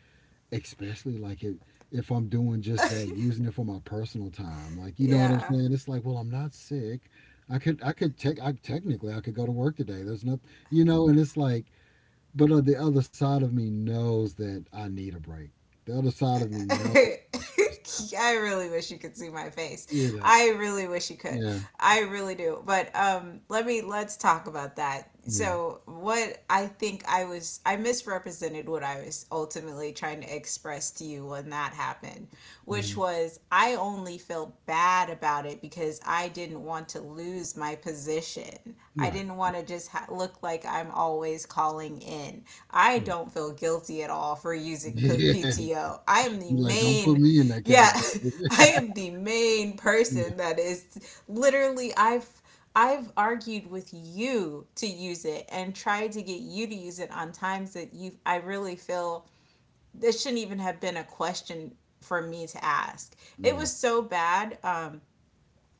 S2: especially like it, if I'm doing just that, using it for my personal time. Like you know what I'm
S1: Yeah.
S2: saying? It's like, well, I'm not sick. I could, I could take I technically, I could go to work today. There's not, you know, and it's like, but the other side of me knows that I need a break. The other side of me knows I'm stressed out.
S1: I really wish you could see my face.
S2: You know,
S1: I really wish you could.
S2: yeah,
S1: I really do. But let's talk about that.
S2: yeah,
S1: So what I think I misrepresented what I was ultimately trying to express to you when that happened, which
S2: hmm
S1: was I only felt bad about it because I didn't want to lose my position. I
S2: right,
S1: didn't want to just look like I'm always calling in. I
S2: right.
S1: don't feel guilty at all for using
S2: Yeah,
S1: PTO. I am the
S2: like don't put
S1: main,
S2: me in that
S1: yeah,
S2: category.
S1: I am the main
S2: Yeah,
S1: person that is literally, I've argued with you to use it and tried to get you to use it on times that you I really feel this shouldn't even have been a question for me to ask. It
S2: yeah,
S1: was so bad.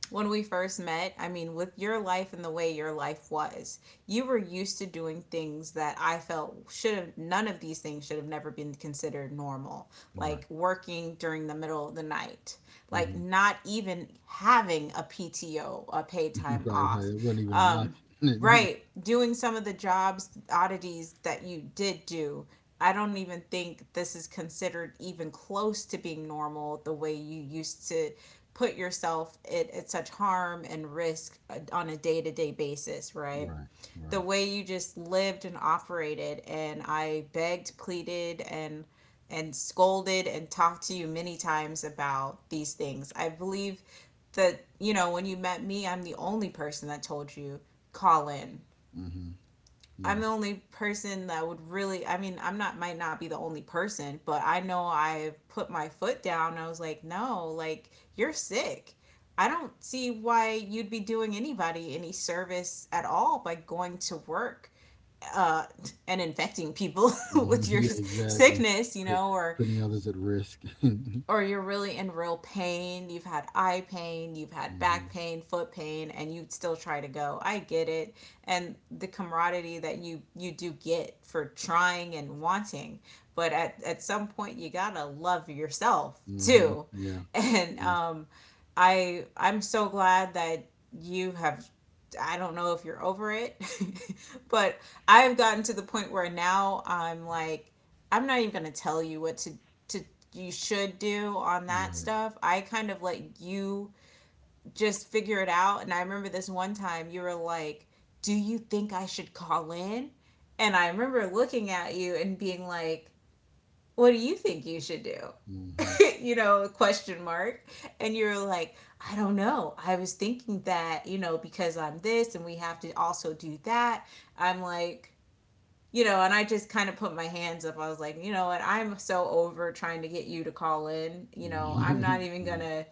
S1: When we first met, I mean, with your life and the way your life was, you were used to doing things that I felt none of these things should have never been considered normal. Like
S2: right,
S1: working during the middle of the night, like
S2: hmm
S1: not even having a PTO, a paid time
S2: right,
S1: off,
S2: right. It wasn't even an
S1: um,
S2: option.
S1: right. Doing some of the jobs, oddities that you did do, I don't even think this is considered even close to being normal the way you used to put yourself at such harm and risk, on a day to day basis, right?
S2: right,
S1: The
S2: right.
S1: way you just lived and operated, and I begged, pleaded, and scolded and talked to you many times about these things. I believe that, when you met me, I'm the only person that told you call in.
S2: hmm
S1: I'm the
S2: Yeah,
S1: only person that would really, I mean, I'm not might not be the only person, but I know I put my foot down. I was like, no, like, you're sick. I don't see why you'd be doing anybody any service at all by going to work, uh, and infecting people with your
S2: yeah, exactly.
S1: sickness, you
S2: Put-
S1: know? or
S2: Putting others at risk. hmm
S1: or you're really in real pain, you've had eye pain, you've had back pain, foot pain, and you still try to go. I get it. And the camaraderie that you do get for trying and wanting, but at some point you got to love yourself
S2: hmm
S1: too.
S2: Yeah.
S1: And
S2: Mhm.
S1: I'm so glad that you have, I don't know if you're over it, but I've gotten to the point where now I'm like, I'm not even going to tell you what to you should do on that
S2: Right.
S1: stuff. I kind of let you just figure it out. And I remember this one time you were like, do you think I should call in? And I remember looking at you and being like, what do you think you should do? You know, question mark. And you were like, I don't know. I was thinking that, you know, because I'm this and we have to also do that. I'm like, and I just kind of put my hands up. I was like, you know what? I'm so over trying to get you to call in. You know, I'm not even going
S2: hmm
S1: to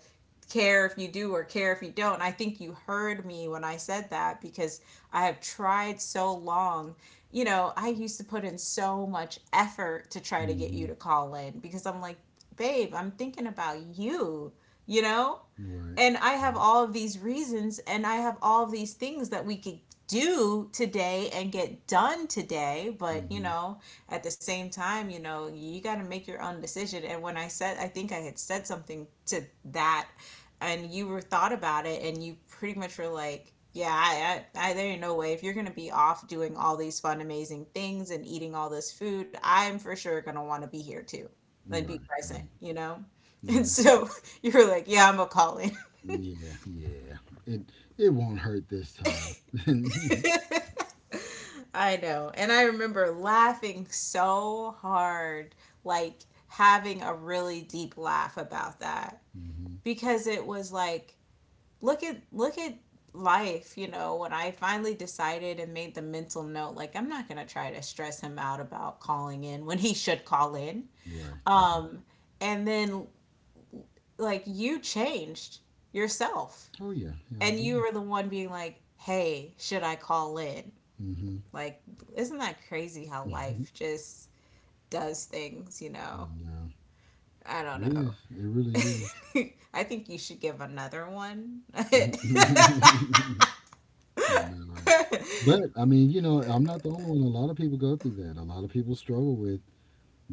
S1: care if you do or care if you don't. And I think you heard me when I said that because I have tried so long. You know, I used to put in so much effort to try to get you
S2: hmm
S1: to call in because I'm like, babe, I'm thinking about you, you know?
S2: Right.
S1: And I have
S2: Right.
S1: all of these reasons and I have all of these things that we could do today and get done today. But, you
S2: Mhm.
S1: know, at the same time, you know, you got to make your own decision. And when I said, I think I had said something to that, and you were thought about it, and you pretty much were like, yeah, I there ain't no way if you're gonna be off doing all these fun amazing things and eating all this food, I'm for sure gonna want to be here too and be
S2: Right.
S1: present,
S2: Right.
S1: you know? And
S2: Right.
S1: so you were like, yeah, I'm a call in.
S2: Yeah. Yeah. It it won't hurt this time.
S1: I know. And I remember laughing so hard, like having a really deep laugh about that,
S2: mhm.
S1: because it was like, look at, look at life, you know, when I finally decided and made the mental note like, I'm not going to try to stress him out about calling in when he should call in.
S2: Right. Right.
S1: Um and then, like, you changed yourself,
S2: Oh yeah. Yeah, I
S1: and you
S2: did.
S1: were the one being like, "Hey, should I call in?"
S2: Mhm.
S1: Like, isn't that crazy how
S2: I
S1: life just does things, you know?
S2: know.
S1: I don't
S2: It
S1: know.
S2: is. It really
S1: I think you should give another one.
S2: is. I know, right? But I mean, you know, I'm not the only one. A lot of people go through that. A lot of people struggle with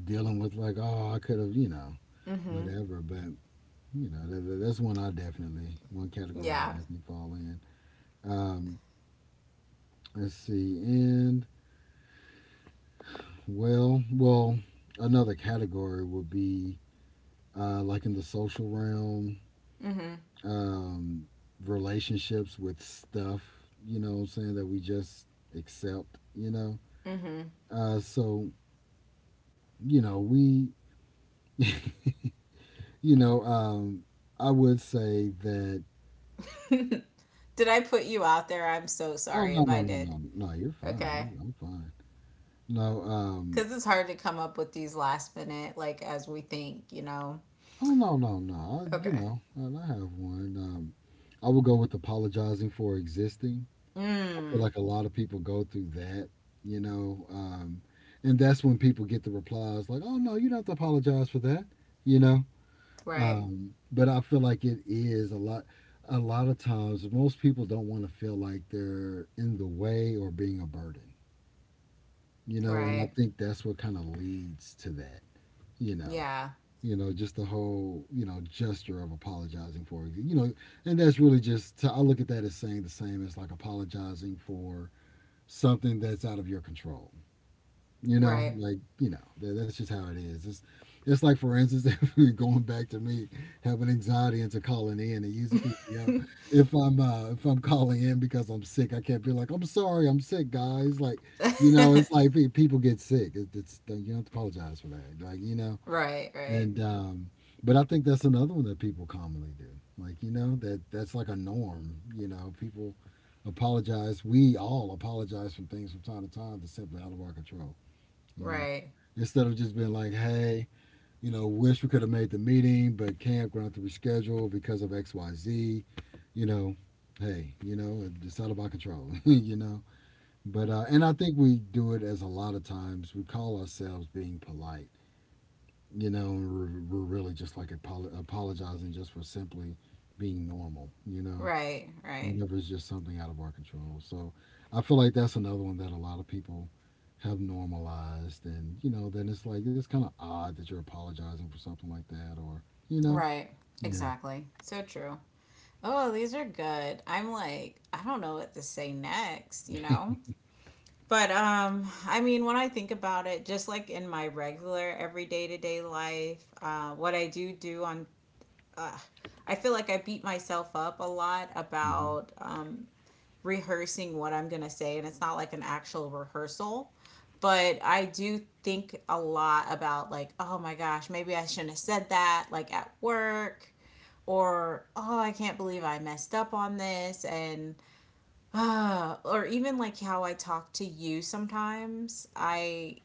S2: dealing with like, oh, I could have,
S1: Mm-hmm.
S2: whatever. But that, that's one I definitely, one category I
S1: Yeah.
S2: definitely fall in. Um, let's see. And well, another category would be like in the social realm,
S1: Mm-hmm.
S2: um, relationships with stuff. You know, what I'm saying that we just accept. You know,
S1: Mm-hmm.
S2: uh, so you know we, you know, um, I would say that.
S1: Did I put you out there? I'm so
S2: Oh
S1: sorry
S2: no
S1: if
S2: no
S1: I
S2: no
S1: did.
S2: no no! You're
S1: Okay.
S2: fine. I'm fine. No,
S1: Because it's hard to come up with these last minute, like, as we think, you know?
S2: Oh no, no, no. You
S1: Okay.
S2: know, I have one. I would go with apologizing for existing. I feel
S1: Mm.
S2: like a lot of people go through that, you know, um, and that's when people get the replies like, "Oh no, you don't have to apologize for that," you know.
S1: Right.
S2: But I feel like it is a lot. A lot of times, most people don't want to feel like they're in the way or being a burden, you know. And I
S1: Right.
S2: think that's what kind of leads to that, you know
S1: Yeah.
S2: you know just the whole gesture of apologizing for you know And that's really just I look at that as saying the same as like apologizing for something that's out of your control. You know
S1: Right.
S2: like you know that's just how it is. It's like for instance if we're going back to me having anxiety into calling in and using PTO. If I'm if I'm calling in because I'm sick, I can't be like I'm sorry I'm sick guys, like you know it's like people get sick. It's you don't have to apologize for that, like you know.
S1: Right. Right.
S2: And but I think that's another one that people commonly do. Like you know that that's like a norm. You know, people apologize. We all apologize for things from time to time that's simply out of our control. You know,
S1: Right.
S2: instead of just being like, hey, you know, wish we could have made the meeting, but camp gonna have to reschedule because of X Y Z. You know, hey, you know, it's out of my control. you know, but and I think we do it as a lot of times we call ourselves being polite, you know, we're really just like apologizing just for simply being normal, you know,
S1: Right, right,
S2: whenever it's just something out of our control. So I feel like that's another one that a lot of people have normalized. And, you know, then it's like, it's kind of odd that you're apologizing for something like that or, you know,
S1: right.
S2: yeah.
S1: Exactly. So true. Oh, these are good. I'm like, I don't know what to say next? But I mean, when I think about it, just like in my regular everyday to day life, what I do do on, uh, I feel like I beat myself up a lot
S2: hmm
S1: about rehearsing what I'm going to say, and it's not like an actual rehearsal. But I do think a lot about, like, oh my gosh, maybe I shouldn't have said that, like at work, or oh, I can't believe I messed up on this. And, or even like how I talk to you sometimes, I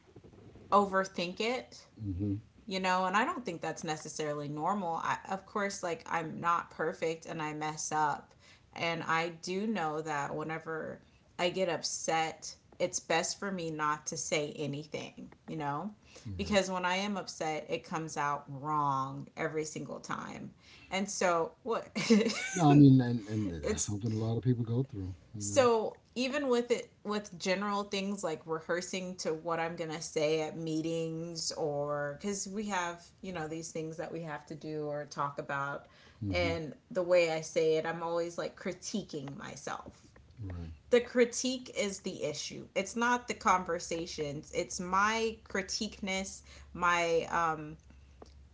S1: overthink it
S2: hmm
S1: you know And I don't think that's necessarily normal. I, of course, like I'm not perfect and I mess up, and I do know that whenever I get upset it's best for me not to say anything, you know,
S2: Right.
S1: because when I am upset it comes out wrong every single time. And so what
S2: No, I mean, and that's
S1: it's
S2: something a lot of people go through, you know.
S1: so even with it with general things like rehearsing to what I'm gonna say at meetings, or because we have, you know, these things that we have to do or talk about,
S2: Hmm
S1: and the way I say it I'm always like critiquing myself.
S2: Right.
S1: The critique is the issue. It's not the conversations. It's my critiqueness, my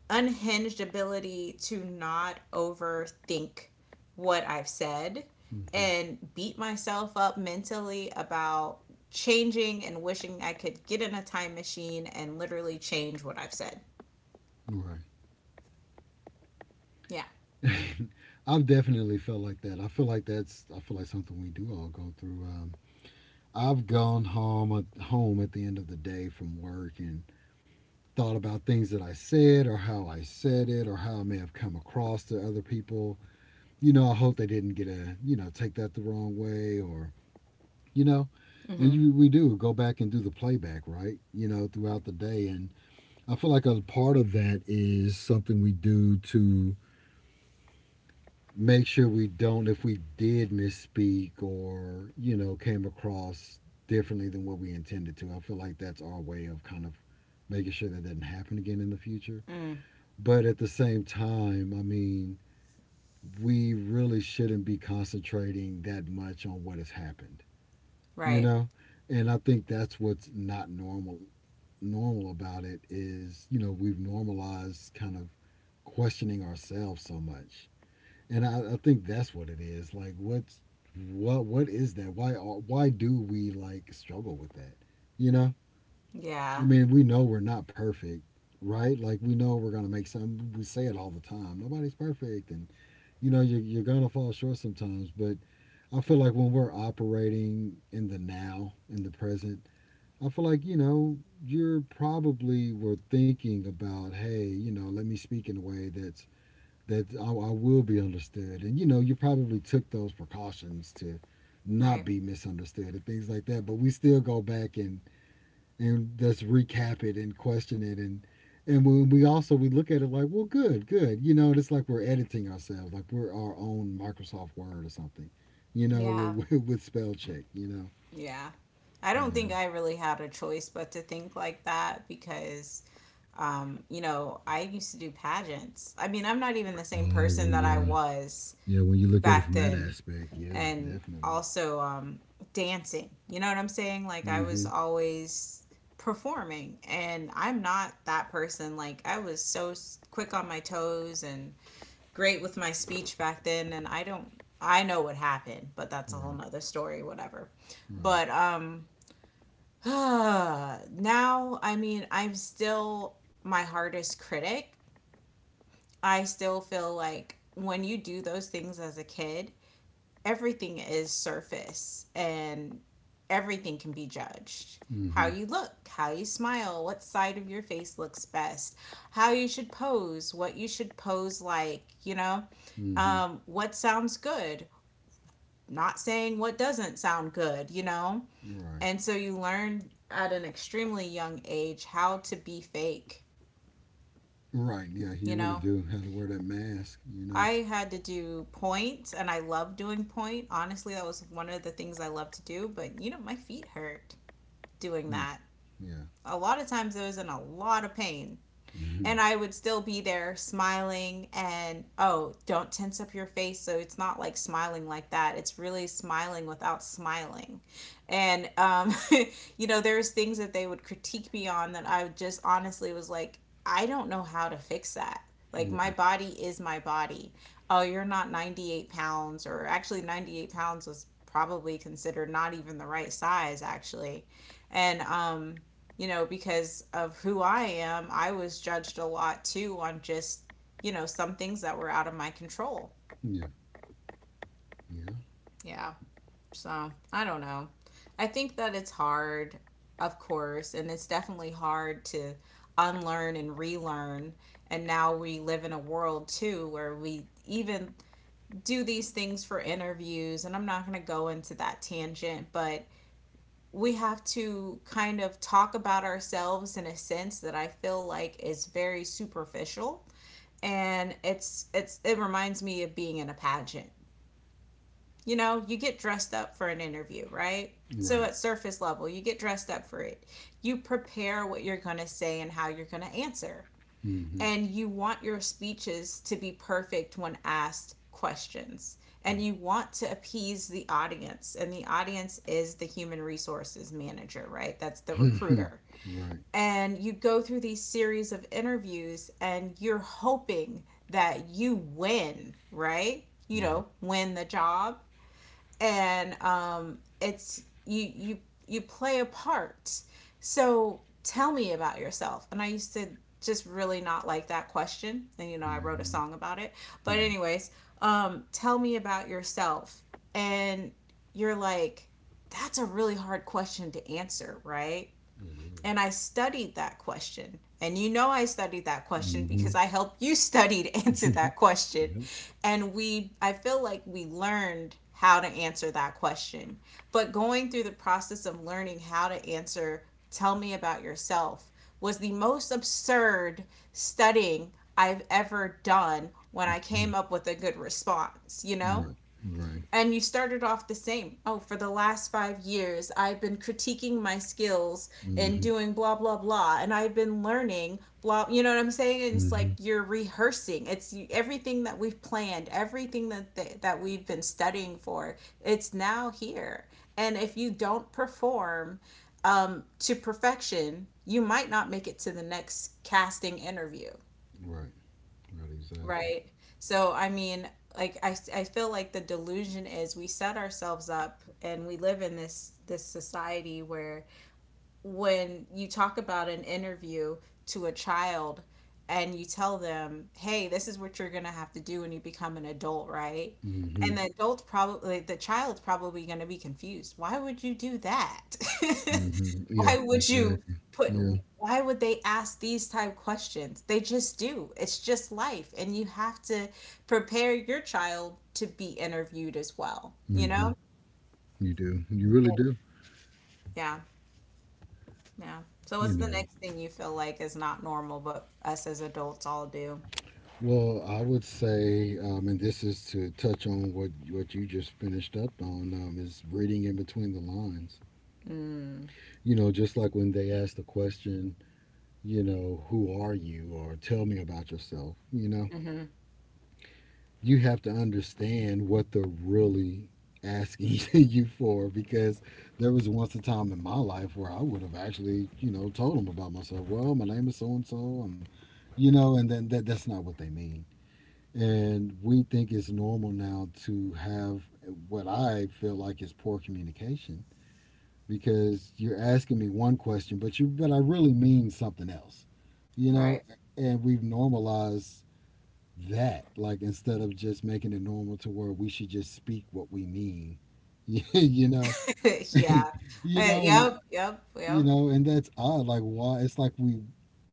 S1: unhinged ability to not overthink what I've said
S2: hmm
S1: and beat myself up mentally about changing and wishing I could get in a time machine and literally change what I've said.
S2: Right.
S1: Yeah.
S2: I've definitely felt like that. I feel like that's I feel like something we do all go through. I've gone home at the end of the day from work and thought about things that I said or how I said it or how I may have come across to other people. You know, I hope they didn't get a you know take that the wrong way or you know, and
S1: Mm-hmm.
S2: you we do go back and do the playback right you know throughout the day. And I feel like a part of that is something we do to make sure we don't if we did misspeak or you know came across differently than what we intended to. I feel like that's our way of kind of making sure that doesn't happen again in the future.
S1: Mm,
S2: But at the same time I mean we really shouldn't be concentrating that much on what has happened, you
S1: right.
S2: know. And I think that's what's not normal about it is you know we've normalized kind of questioning ourselves so much. And I think that's what it is. Like, what is that? Why do we like struggle with that? You know, I
S1: Yeah.
S2: mean, we know we're not perfect, right? Like, we know we're gonna make some. We say it all the time. Nobody's perfect, and you know, you're gonna fall short sometimes. But I feel like when we're operating in the now, in the present, I feel like you know, you're probably were thinking about, hey, you know, let me speak in a way that's that I will be understood. And you know, you probably took those precautions to not
S1: Right.
S2: be misunderstood and things like that. But we still go back and just recap it and question it and when we look at it like, well, good. You know, it's like we're editing ourselves, like we're our own Microsoft Word or something. You know,
S1: Yeah.
S2: with, with spell check. You know.
S1: Yeah. I don't
S2: Yeah.
S1: think I really had a choice but to think like that because, you know, I used to do pageants. I mean, I'm not even the same
S2: Oh
S1: person
S2: well,
S1: that I
S2: yeah,
S1: was
S2: yeah. When you look at it
S1: back
S2: from that
S1: then.
S2: aspect, yeah,
S1: And
S2: definitely.
S1: also, dancing. You know what I'm saying? Like I was
S2: Mm-hmm.
S1: always performing, and I'm not that person. Like I was so quick on my toes and great with my speech back then, and I don't, I know what happened, but that's a whole
S2: Right.
S1: nother story, whatever.
S2: Right.
S1: But now I mean I'm still my hardest critic. I still feel like when you do those things as a kid, everything is surface and everything can be judged. How
S2: Mm-hmm.
S1: you look, how you smile, what side of your face looks best, how you should pose, what you should pose like, you know,
S2: Mm-hmm.
S1: what sounds good, not saying what doesn't sound good, you know.
S2: Right.
S1: And so you learn at an extremely young age how to be fake,
S2: Right. Yeah,
S1: you
S2: you really
S1: know.
S2: do have to wear that mask, you know?
S1: I had to do point, and I love doing point. Honestly, that was one of the things I love to do, but you know, my feet hurt doing
S2: Yeah.
S1: that.
S2: Yeah.
S1: A lot of times I was in a lot of pain, and
S2: Mhm.
S1: I would still be there smiling and oh, don't tense up your face so it's not like smiling like that. It's really smiling without smiling. And you know, there's things that they would critique me on that I just honestly was like, I don't know how to fix that. Like my
S2: Right.
S1: body is my body. Oh, you're not 98 pounds, or actually 98 pounds was probably considered not even the right size actually. And you know, because of who I am, I was judged a lot too on just, you know, some things that were out of my control.
S2: Yeah. Yeah.
S1: Yeah. So I don't know. I think that it's hard, of course, and it's definitely hard to unlearn and relearn. And now we live in a world too where we even do these things for interviews. And I'm not going to go into that tangent, but we have to kind of talk about ourselves in a sense that I feel like is very superficial, and it's it reminds me of being in a pageant. You know, you get dressed up for an interview, right? So
S2: Right.
S1: at surface level, you get dressed up for it. You prepare what you're going to say and how you're going to answer,
S2: Mm-hmm.
S1: and you want your speeches to be perfect when asked questions, and you want to appease the audience, and the audience is the human resources manager, right? That's the recruiter.
S2: right.
S1: And you go through these series of interviews and you're hoping that you win, right? You know,
S2: Right.
S1: win the job. And it's you play a part. So tell me about yourself. And I used to just really not like that question, and you know I wrote a
S2: hmm
S1: song about it. But
S2: Yeah,
S1: anyways, tell me about yourself, and you're like, that's a really hard question to answer, right?
S2: it
S1: And I
S2: is.
S1: studied that question. And you know, I studied that question
S2: Mm-hmm.
S1: because I helped you study to answer that question.
S2: yep.
S1: And I feel like we learned how to answer that question. But going through the process of learning how to answer, tell me about yourself, was the most absurd studying I've ever done when I came
S2: Mhm.
S1: up with a good response, you know?
S2: Right. Right.
S1: And you started off the same. Oh, for the last 5 years, I've been critiquing my skills and
S2: hmm
S1: doing blah, blah, blah. And I've been learning blah, you know what I'm saying? And it's like
S2: hmm
S1: you're rehearsing. It's everything that we've planned, everything that, that we've been studying for, it's now here. And if you don't perform to perfection, you might not make it to the next casting interview.
S2: Right. Right. Exactly.
S1: Right. So, I mean, like I feel like the delusion is we set ourselves up and we live in this society where when you talk about an interview to a child and you tell them, hey, this is what you're going to have to do when you become an adult, right?
S2: hmm
S1: And the adult probably, the child's probably going to be confused. Why would you do that?
S2: hmm Yeah.
S1: Why would you
S2: Exactly.
S1: put,
S2: Yeah.
S1: why would they ask these type questions? They just do. It's just life. And you have to prepare your child to be interviewed as well, you
S2: hmm
S1: know?
S2: You do. You really do.
S1: Yeah. Yeah. So
S2: You
S1: what's the
S2: know.
S1: next thing you feel like is not normal, but us as adults all do?
S2: Well, I would say, and this is to touch on what you just finished up on, is reading in between the lines. You know, just like when they ask the question, you know, who are you, or tell me about yourself. You know, you have to understand what they're really asking you for, because there was once a time in my life where I would have actually, you know, told them about myself. Well, my name is so and so. I'm, you know, and then that's not what they mean. And we think it's normal now to have what I feel like is poor communication because you're asking me one question, but I really mean something else, you
S1: Right.
S2: know. And we've normalized that, like instead of just making it normal to where we should just speak what we mean, you know,
S1: Yeah.
S2: you know, and
S1: Yep. Yep.
S2: you
S1: Yep.
S2: know, and that's odd. Like why? It's like we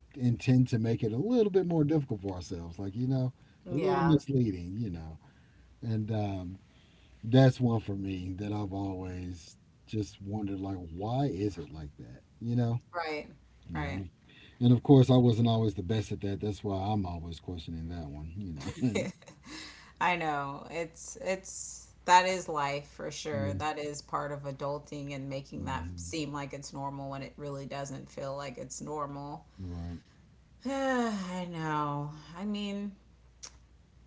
S2: intend to make it a little bit more difficult for ourselves, like you know, a little
S1: Yeah.
S2: misleading, you know, and that's one for me that I've always just wondered like why is it like that, you know.
S1: Right.
S2: Yeah
S1: Right.
S2: and of course I wasn't always the best at that, that's why I'm always questioning that one, you know.
S1: I know. It's that is life for sure.
S2: yeah
S1: That is part of adulting and making that
S2: hmm
S1: seem like it's normal when it really doesn't feel like it's normal.
S2: right
S1: I know. I mean,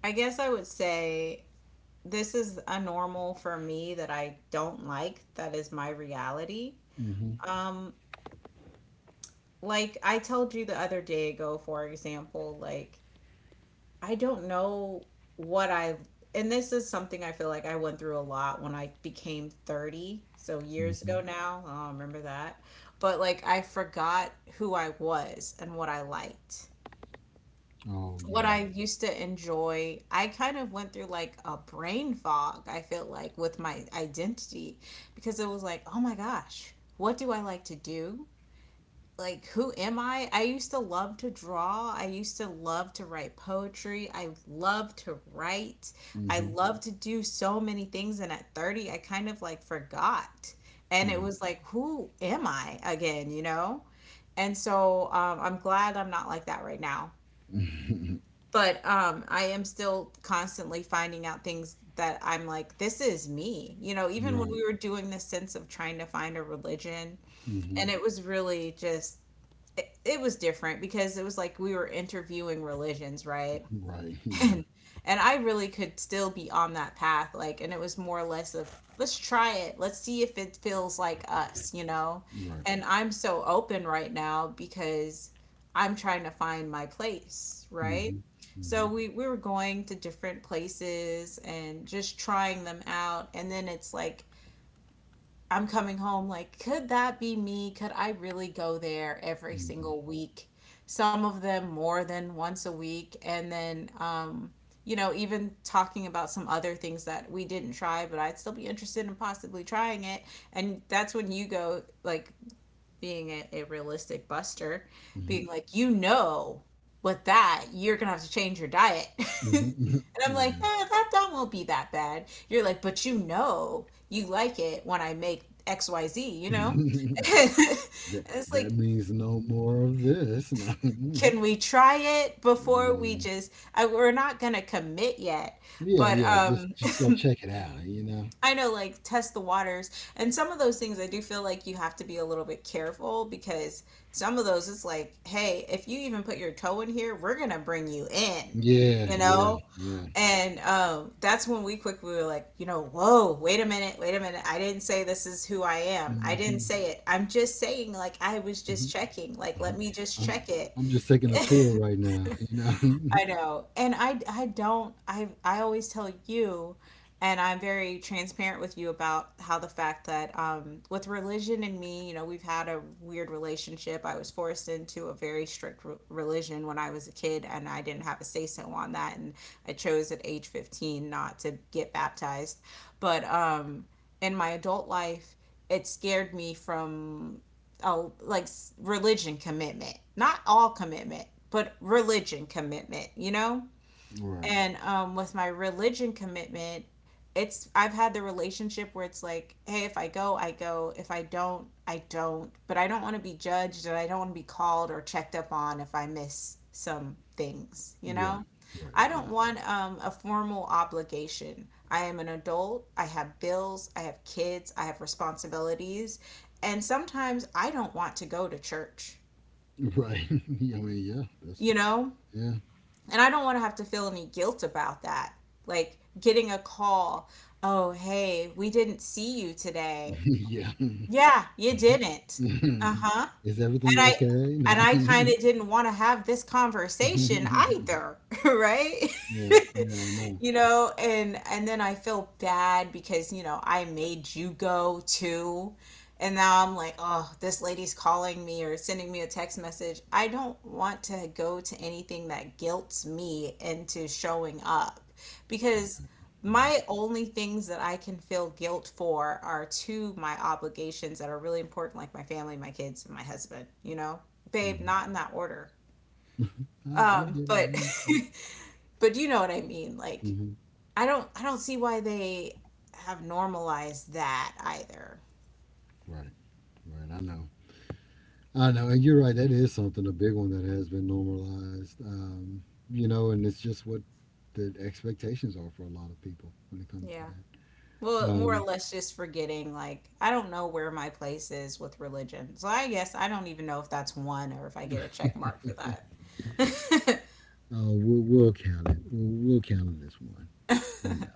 S1: I guess I would say this is a normal for me that I don't like. That is my reality.
S2: hmm
S1: Um, like I told you the other day ago, for example, like I don't know what I, and this is something I feel like I went through a lot when I became 30, so years
S2: hmm
S1: ago now. I don't remember that. But like I forgot who I was and what I liked,
S2: oh
S1: what
S2: yeah
S1: I used to enjoy. I kind of went through like a brain fog, I feel like, with my identity, because it was like, oh my gosh, what do I like to do? Like, who am I? I used to love to draw. I used to love to write poetry. I love to write. I
S2: hmm
S1: love to do so many things. And at 30, I kind of like forgot. And it
S2: yeah.
S1: was like, who am I again, you know? And so I'm glad I'm not like that right now, but I am still constantly finding out things that I'm like this is me, you know, even when
S2: right
S1: we were doing this sense of trying to find a religion.
S2: hmm
S1: And it was really just, it was different because it was like we were interviewing religions, right?
S2: right yeah
S1: and and I really could still be on that path, like, and it was more or less of let's try it, let's see if it feels like us, you know.
S2: right
S1: And I'm so open right now because I'm trying to find my place,
S2: hmm
S1: right? So
S2: hmm
S1: we were going to different places and just trying them out, and then it's like I'm coming home like, could that be me? Could I really go there every
S2: yeah.
S1: single week? Some of them more than once a week. And then, you know, even talking about some other things that we didn't try, but I'd still be interested in possibly trying it. And that's when you go, like, being a realistic buster, being
S2: hmm
S1: like, you know, with that, you're going to have to change your diet. and
S2: hmm
S1: I'm like, eh,
S2: yeah
S1: that won't be that bad. You're like, but you know, you like it when I make XYZ, you know? and
S2: that
S1: it's
S2: that
S1: like,
S2: means no more of this no. Mm-hmm.
S1: can we try it before we
S2: Mm-hmm.
S1: just, I, we're not going to commit yet.
S2: Yeah,
S1: But
S2: yeah.
S1: um,
S2: Just go check it out. You know.
S1: I know, like test the waters, and some of those things I do feel like you have to be a little bit careful because some of those it's like, hey, if you even put your toe in here, we're gonna bring you in,
S2: Yeah,
S1: you
S2: yeah,
S1: know.
S2: yeah.
S1: And that's when we quickly were like, you know, whoa, wait a minute, wait a minute. I didn't say this is who I am. I didn't
S2: Mm-hmm,
S1: say it. I'm just saying, like, I was
S2: hmm
S1: just checking. Like,
S2: hmm
S1: let me just
S2: I'm
S1: check it.
S2: I'm just taking a tour right now. You know.
S1: I know. And I don't I always tell you and I'm very transparent with you about how the fact that with religion and me, you know, we've had a weird relationship. I was forced into a very strict religion when I was a kid and I didn't have a say so on that and I chose at age 15 not to get baptized. But in my adult life, it scared me from oh like religion commitment, not all commitment, but religion commitment, you know.
S2: right,
S1: And with my religion commitment, it's I've had the relationship where it's like, hey, if I go, I go. If I don't, I don't. But I don't want to be judged and I don't want to be called or checked up on if I miss some things, you
S2: right,
S1: know.
S2: right.
S1: I don't
S2: Exactly.
S1: want a formal obligation. I am an adult. I have bills, I have kids, I have responsibilities, and sometimes I don't want to go to church,
S2: Right. I mean, yeah. That's
S1: you know,
S2: yeah,
S1: and I don't want to have to feel any guilt about that. Like getting a call, oh, hey, we didn't see you today.
S2: yeah.
S1: Yeah, you didn't. Uh huh.
S2: Is everything
S1: And I,
S2: okay?
S1: and
S2: Nah.
S1: I kind of didn't want to have this conversation either, right?
S2: yeah, yeah. I know.
S1: And then I feel bad because I made you go too, and now I'm like, oh, this lady's calling me or sending me a text message. I don't want to go to anything that guilts me into showing up because
S2: Right.
S1: my only things that I can feel guilt for are to my obligations that are really important, like my family, my kids, and my husband, you know, babe,
S2: hmm
S1: not in that order.
S2: I get it. I
S1: But
S2: understand.
S1: but you know what I mean, like
S2: Hmm
S1: I don't see why they have normalized that either.
S2: Right, right. I know. I know, and you're right. That is something a big one that has been normalized. You know, and it's just what the expectations are for a lot of people when it comes to
S1: Yeah.
S2: that.
S1: Well, more or
S2: Um,
S1: less just forgetting, like I don't know where my place is with religion. So I guess I don't even know if that's one or if I get a check mark for that.
S2: we'll count it. We'll count it as one. You know,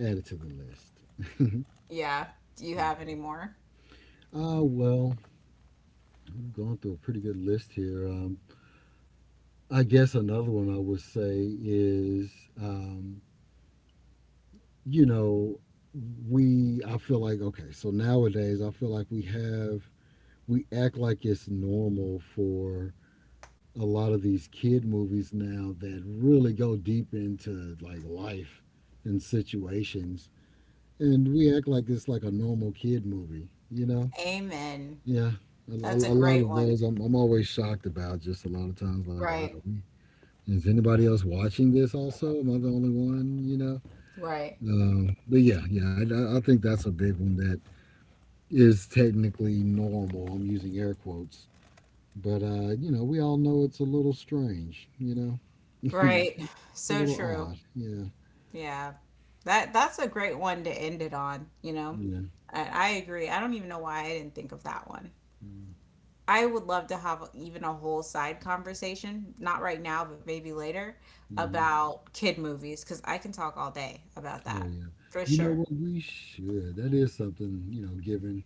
S2: add it to the list. yeah.
S1: Yeah. Do you have any more?
S2: Well, we've gone through a pretty good list here. I guess another one I would say is, um, you know, we. I feel like okay. So nowadays, I feel like we act like it's normal for a lot of these kid movies now that really go deep into like life and situations and we act like it's like a normal kid movie, you know.
S1: Amen.
S2: Yeah, a, lo-
S1: That's a
S2: a lot
S1: great
S2: of
S1: one.
S2: those I'm always shocked about just a lot of times like wow,
S1: Right.
S2: is anybody else watching this, also am I the only one, you know.
S1: Right.
S2: But yeah, I think that's a big one that is technically normal, I'm using air quotes. But you know, we all know it's a little strange. You know,
S1: Right.
S2: it's a
S1: So
S2: little
S1: true.
S2: odd. Yeah,
S1: Yeah. That that's a great one to end it on, you know.
S2: yeah.
S1: I agree. I don't even know why I didn't think of that one. I would love to have even a whole side conversation, not right now, but maybe later,
S2: Mm-hmm.
S1: about kid movies because I can talk all day about
S2: Oh
S1: that
S2: yeah.
S1: for
S2: You know
S1: sure.
S2: what? We should. That is something. You know, given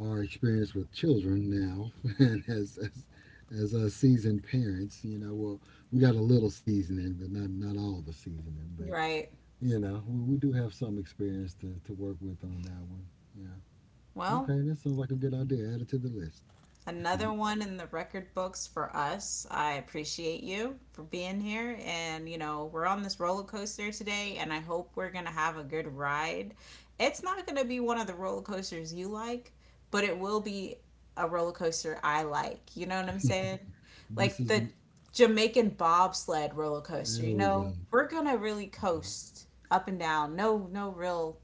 S2: our experience with children now, and as seasoned parents, you know, well, we got a little seasoning, but not all the seasoning. But
S1: Right.
S2: you know, we do have some experience to work with on that one. Yeah.
S1: Well,
S2: Okay, that sounds like a good idea. Add it to the list.
S1: another one in the record books for us. I appreciate you for being here. And, you know, we're on this roller coaster today, and I hope we're going to have a good ride. It's not going to be one of the roller coasters you like, but it will be a roller coaster I like. You know what I'm saying?
S2: This
S1: Like
S2: is
S1: the Jamaican bobsled roller coaster. You
S2: there we go.
S1: know, we're going to really coast up and down. No, no real,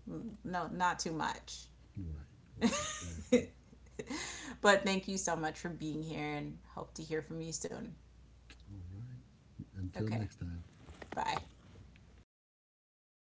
S1: no, not too much.
S2: Right, right, exactly.
S1: But thank you so much for being here and hope to hear from you soon.
S2: All right. Until
S1: Okay,
S2: next time.
S1: bye.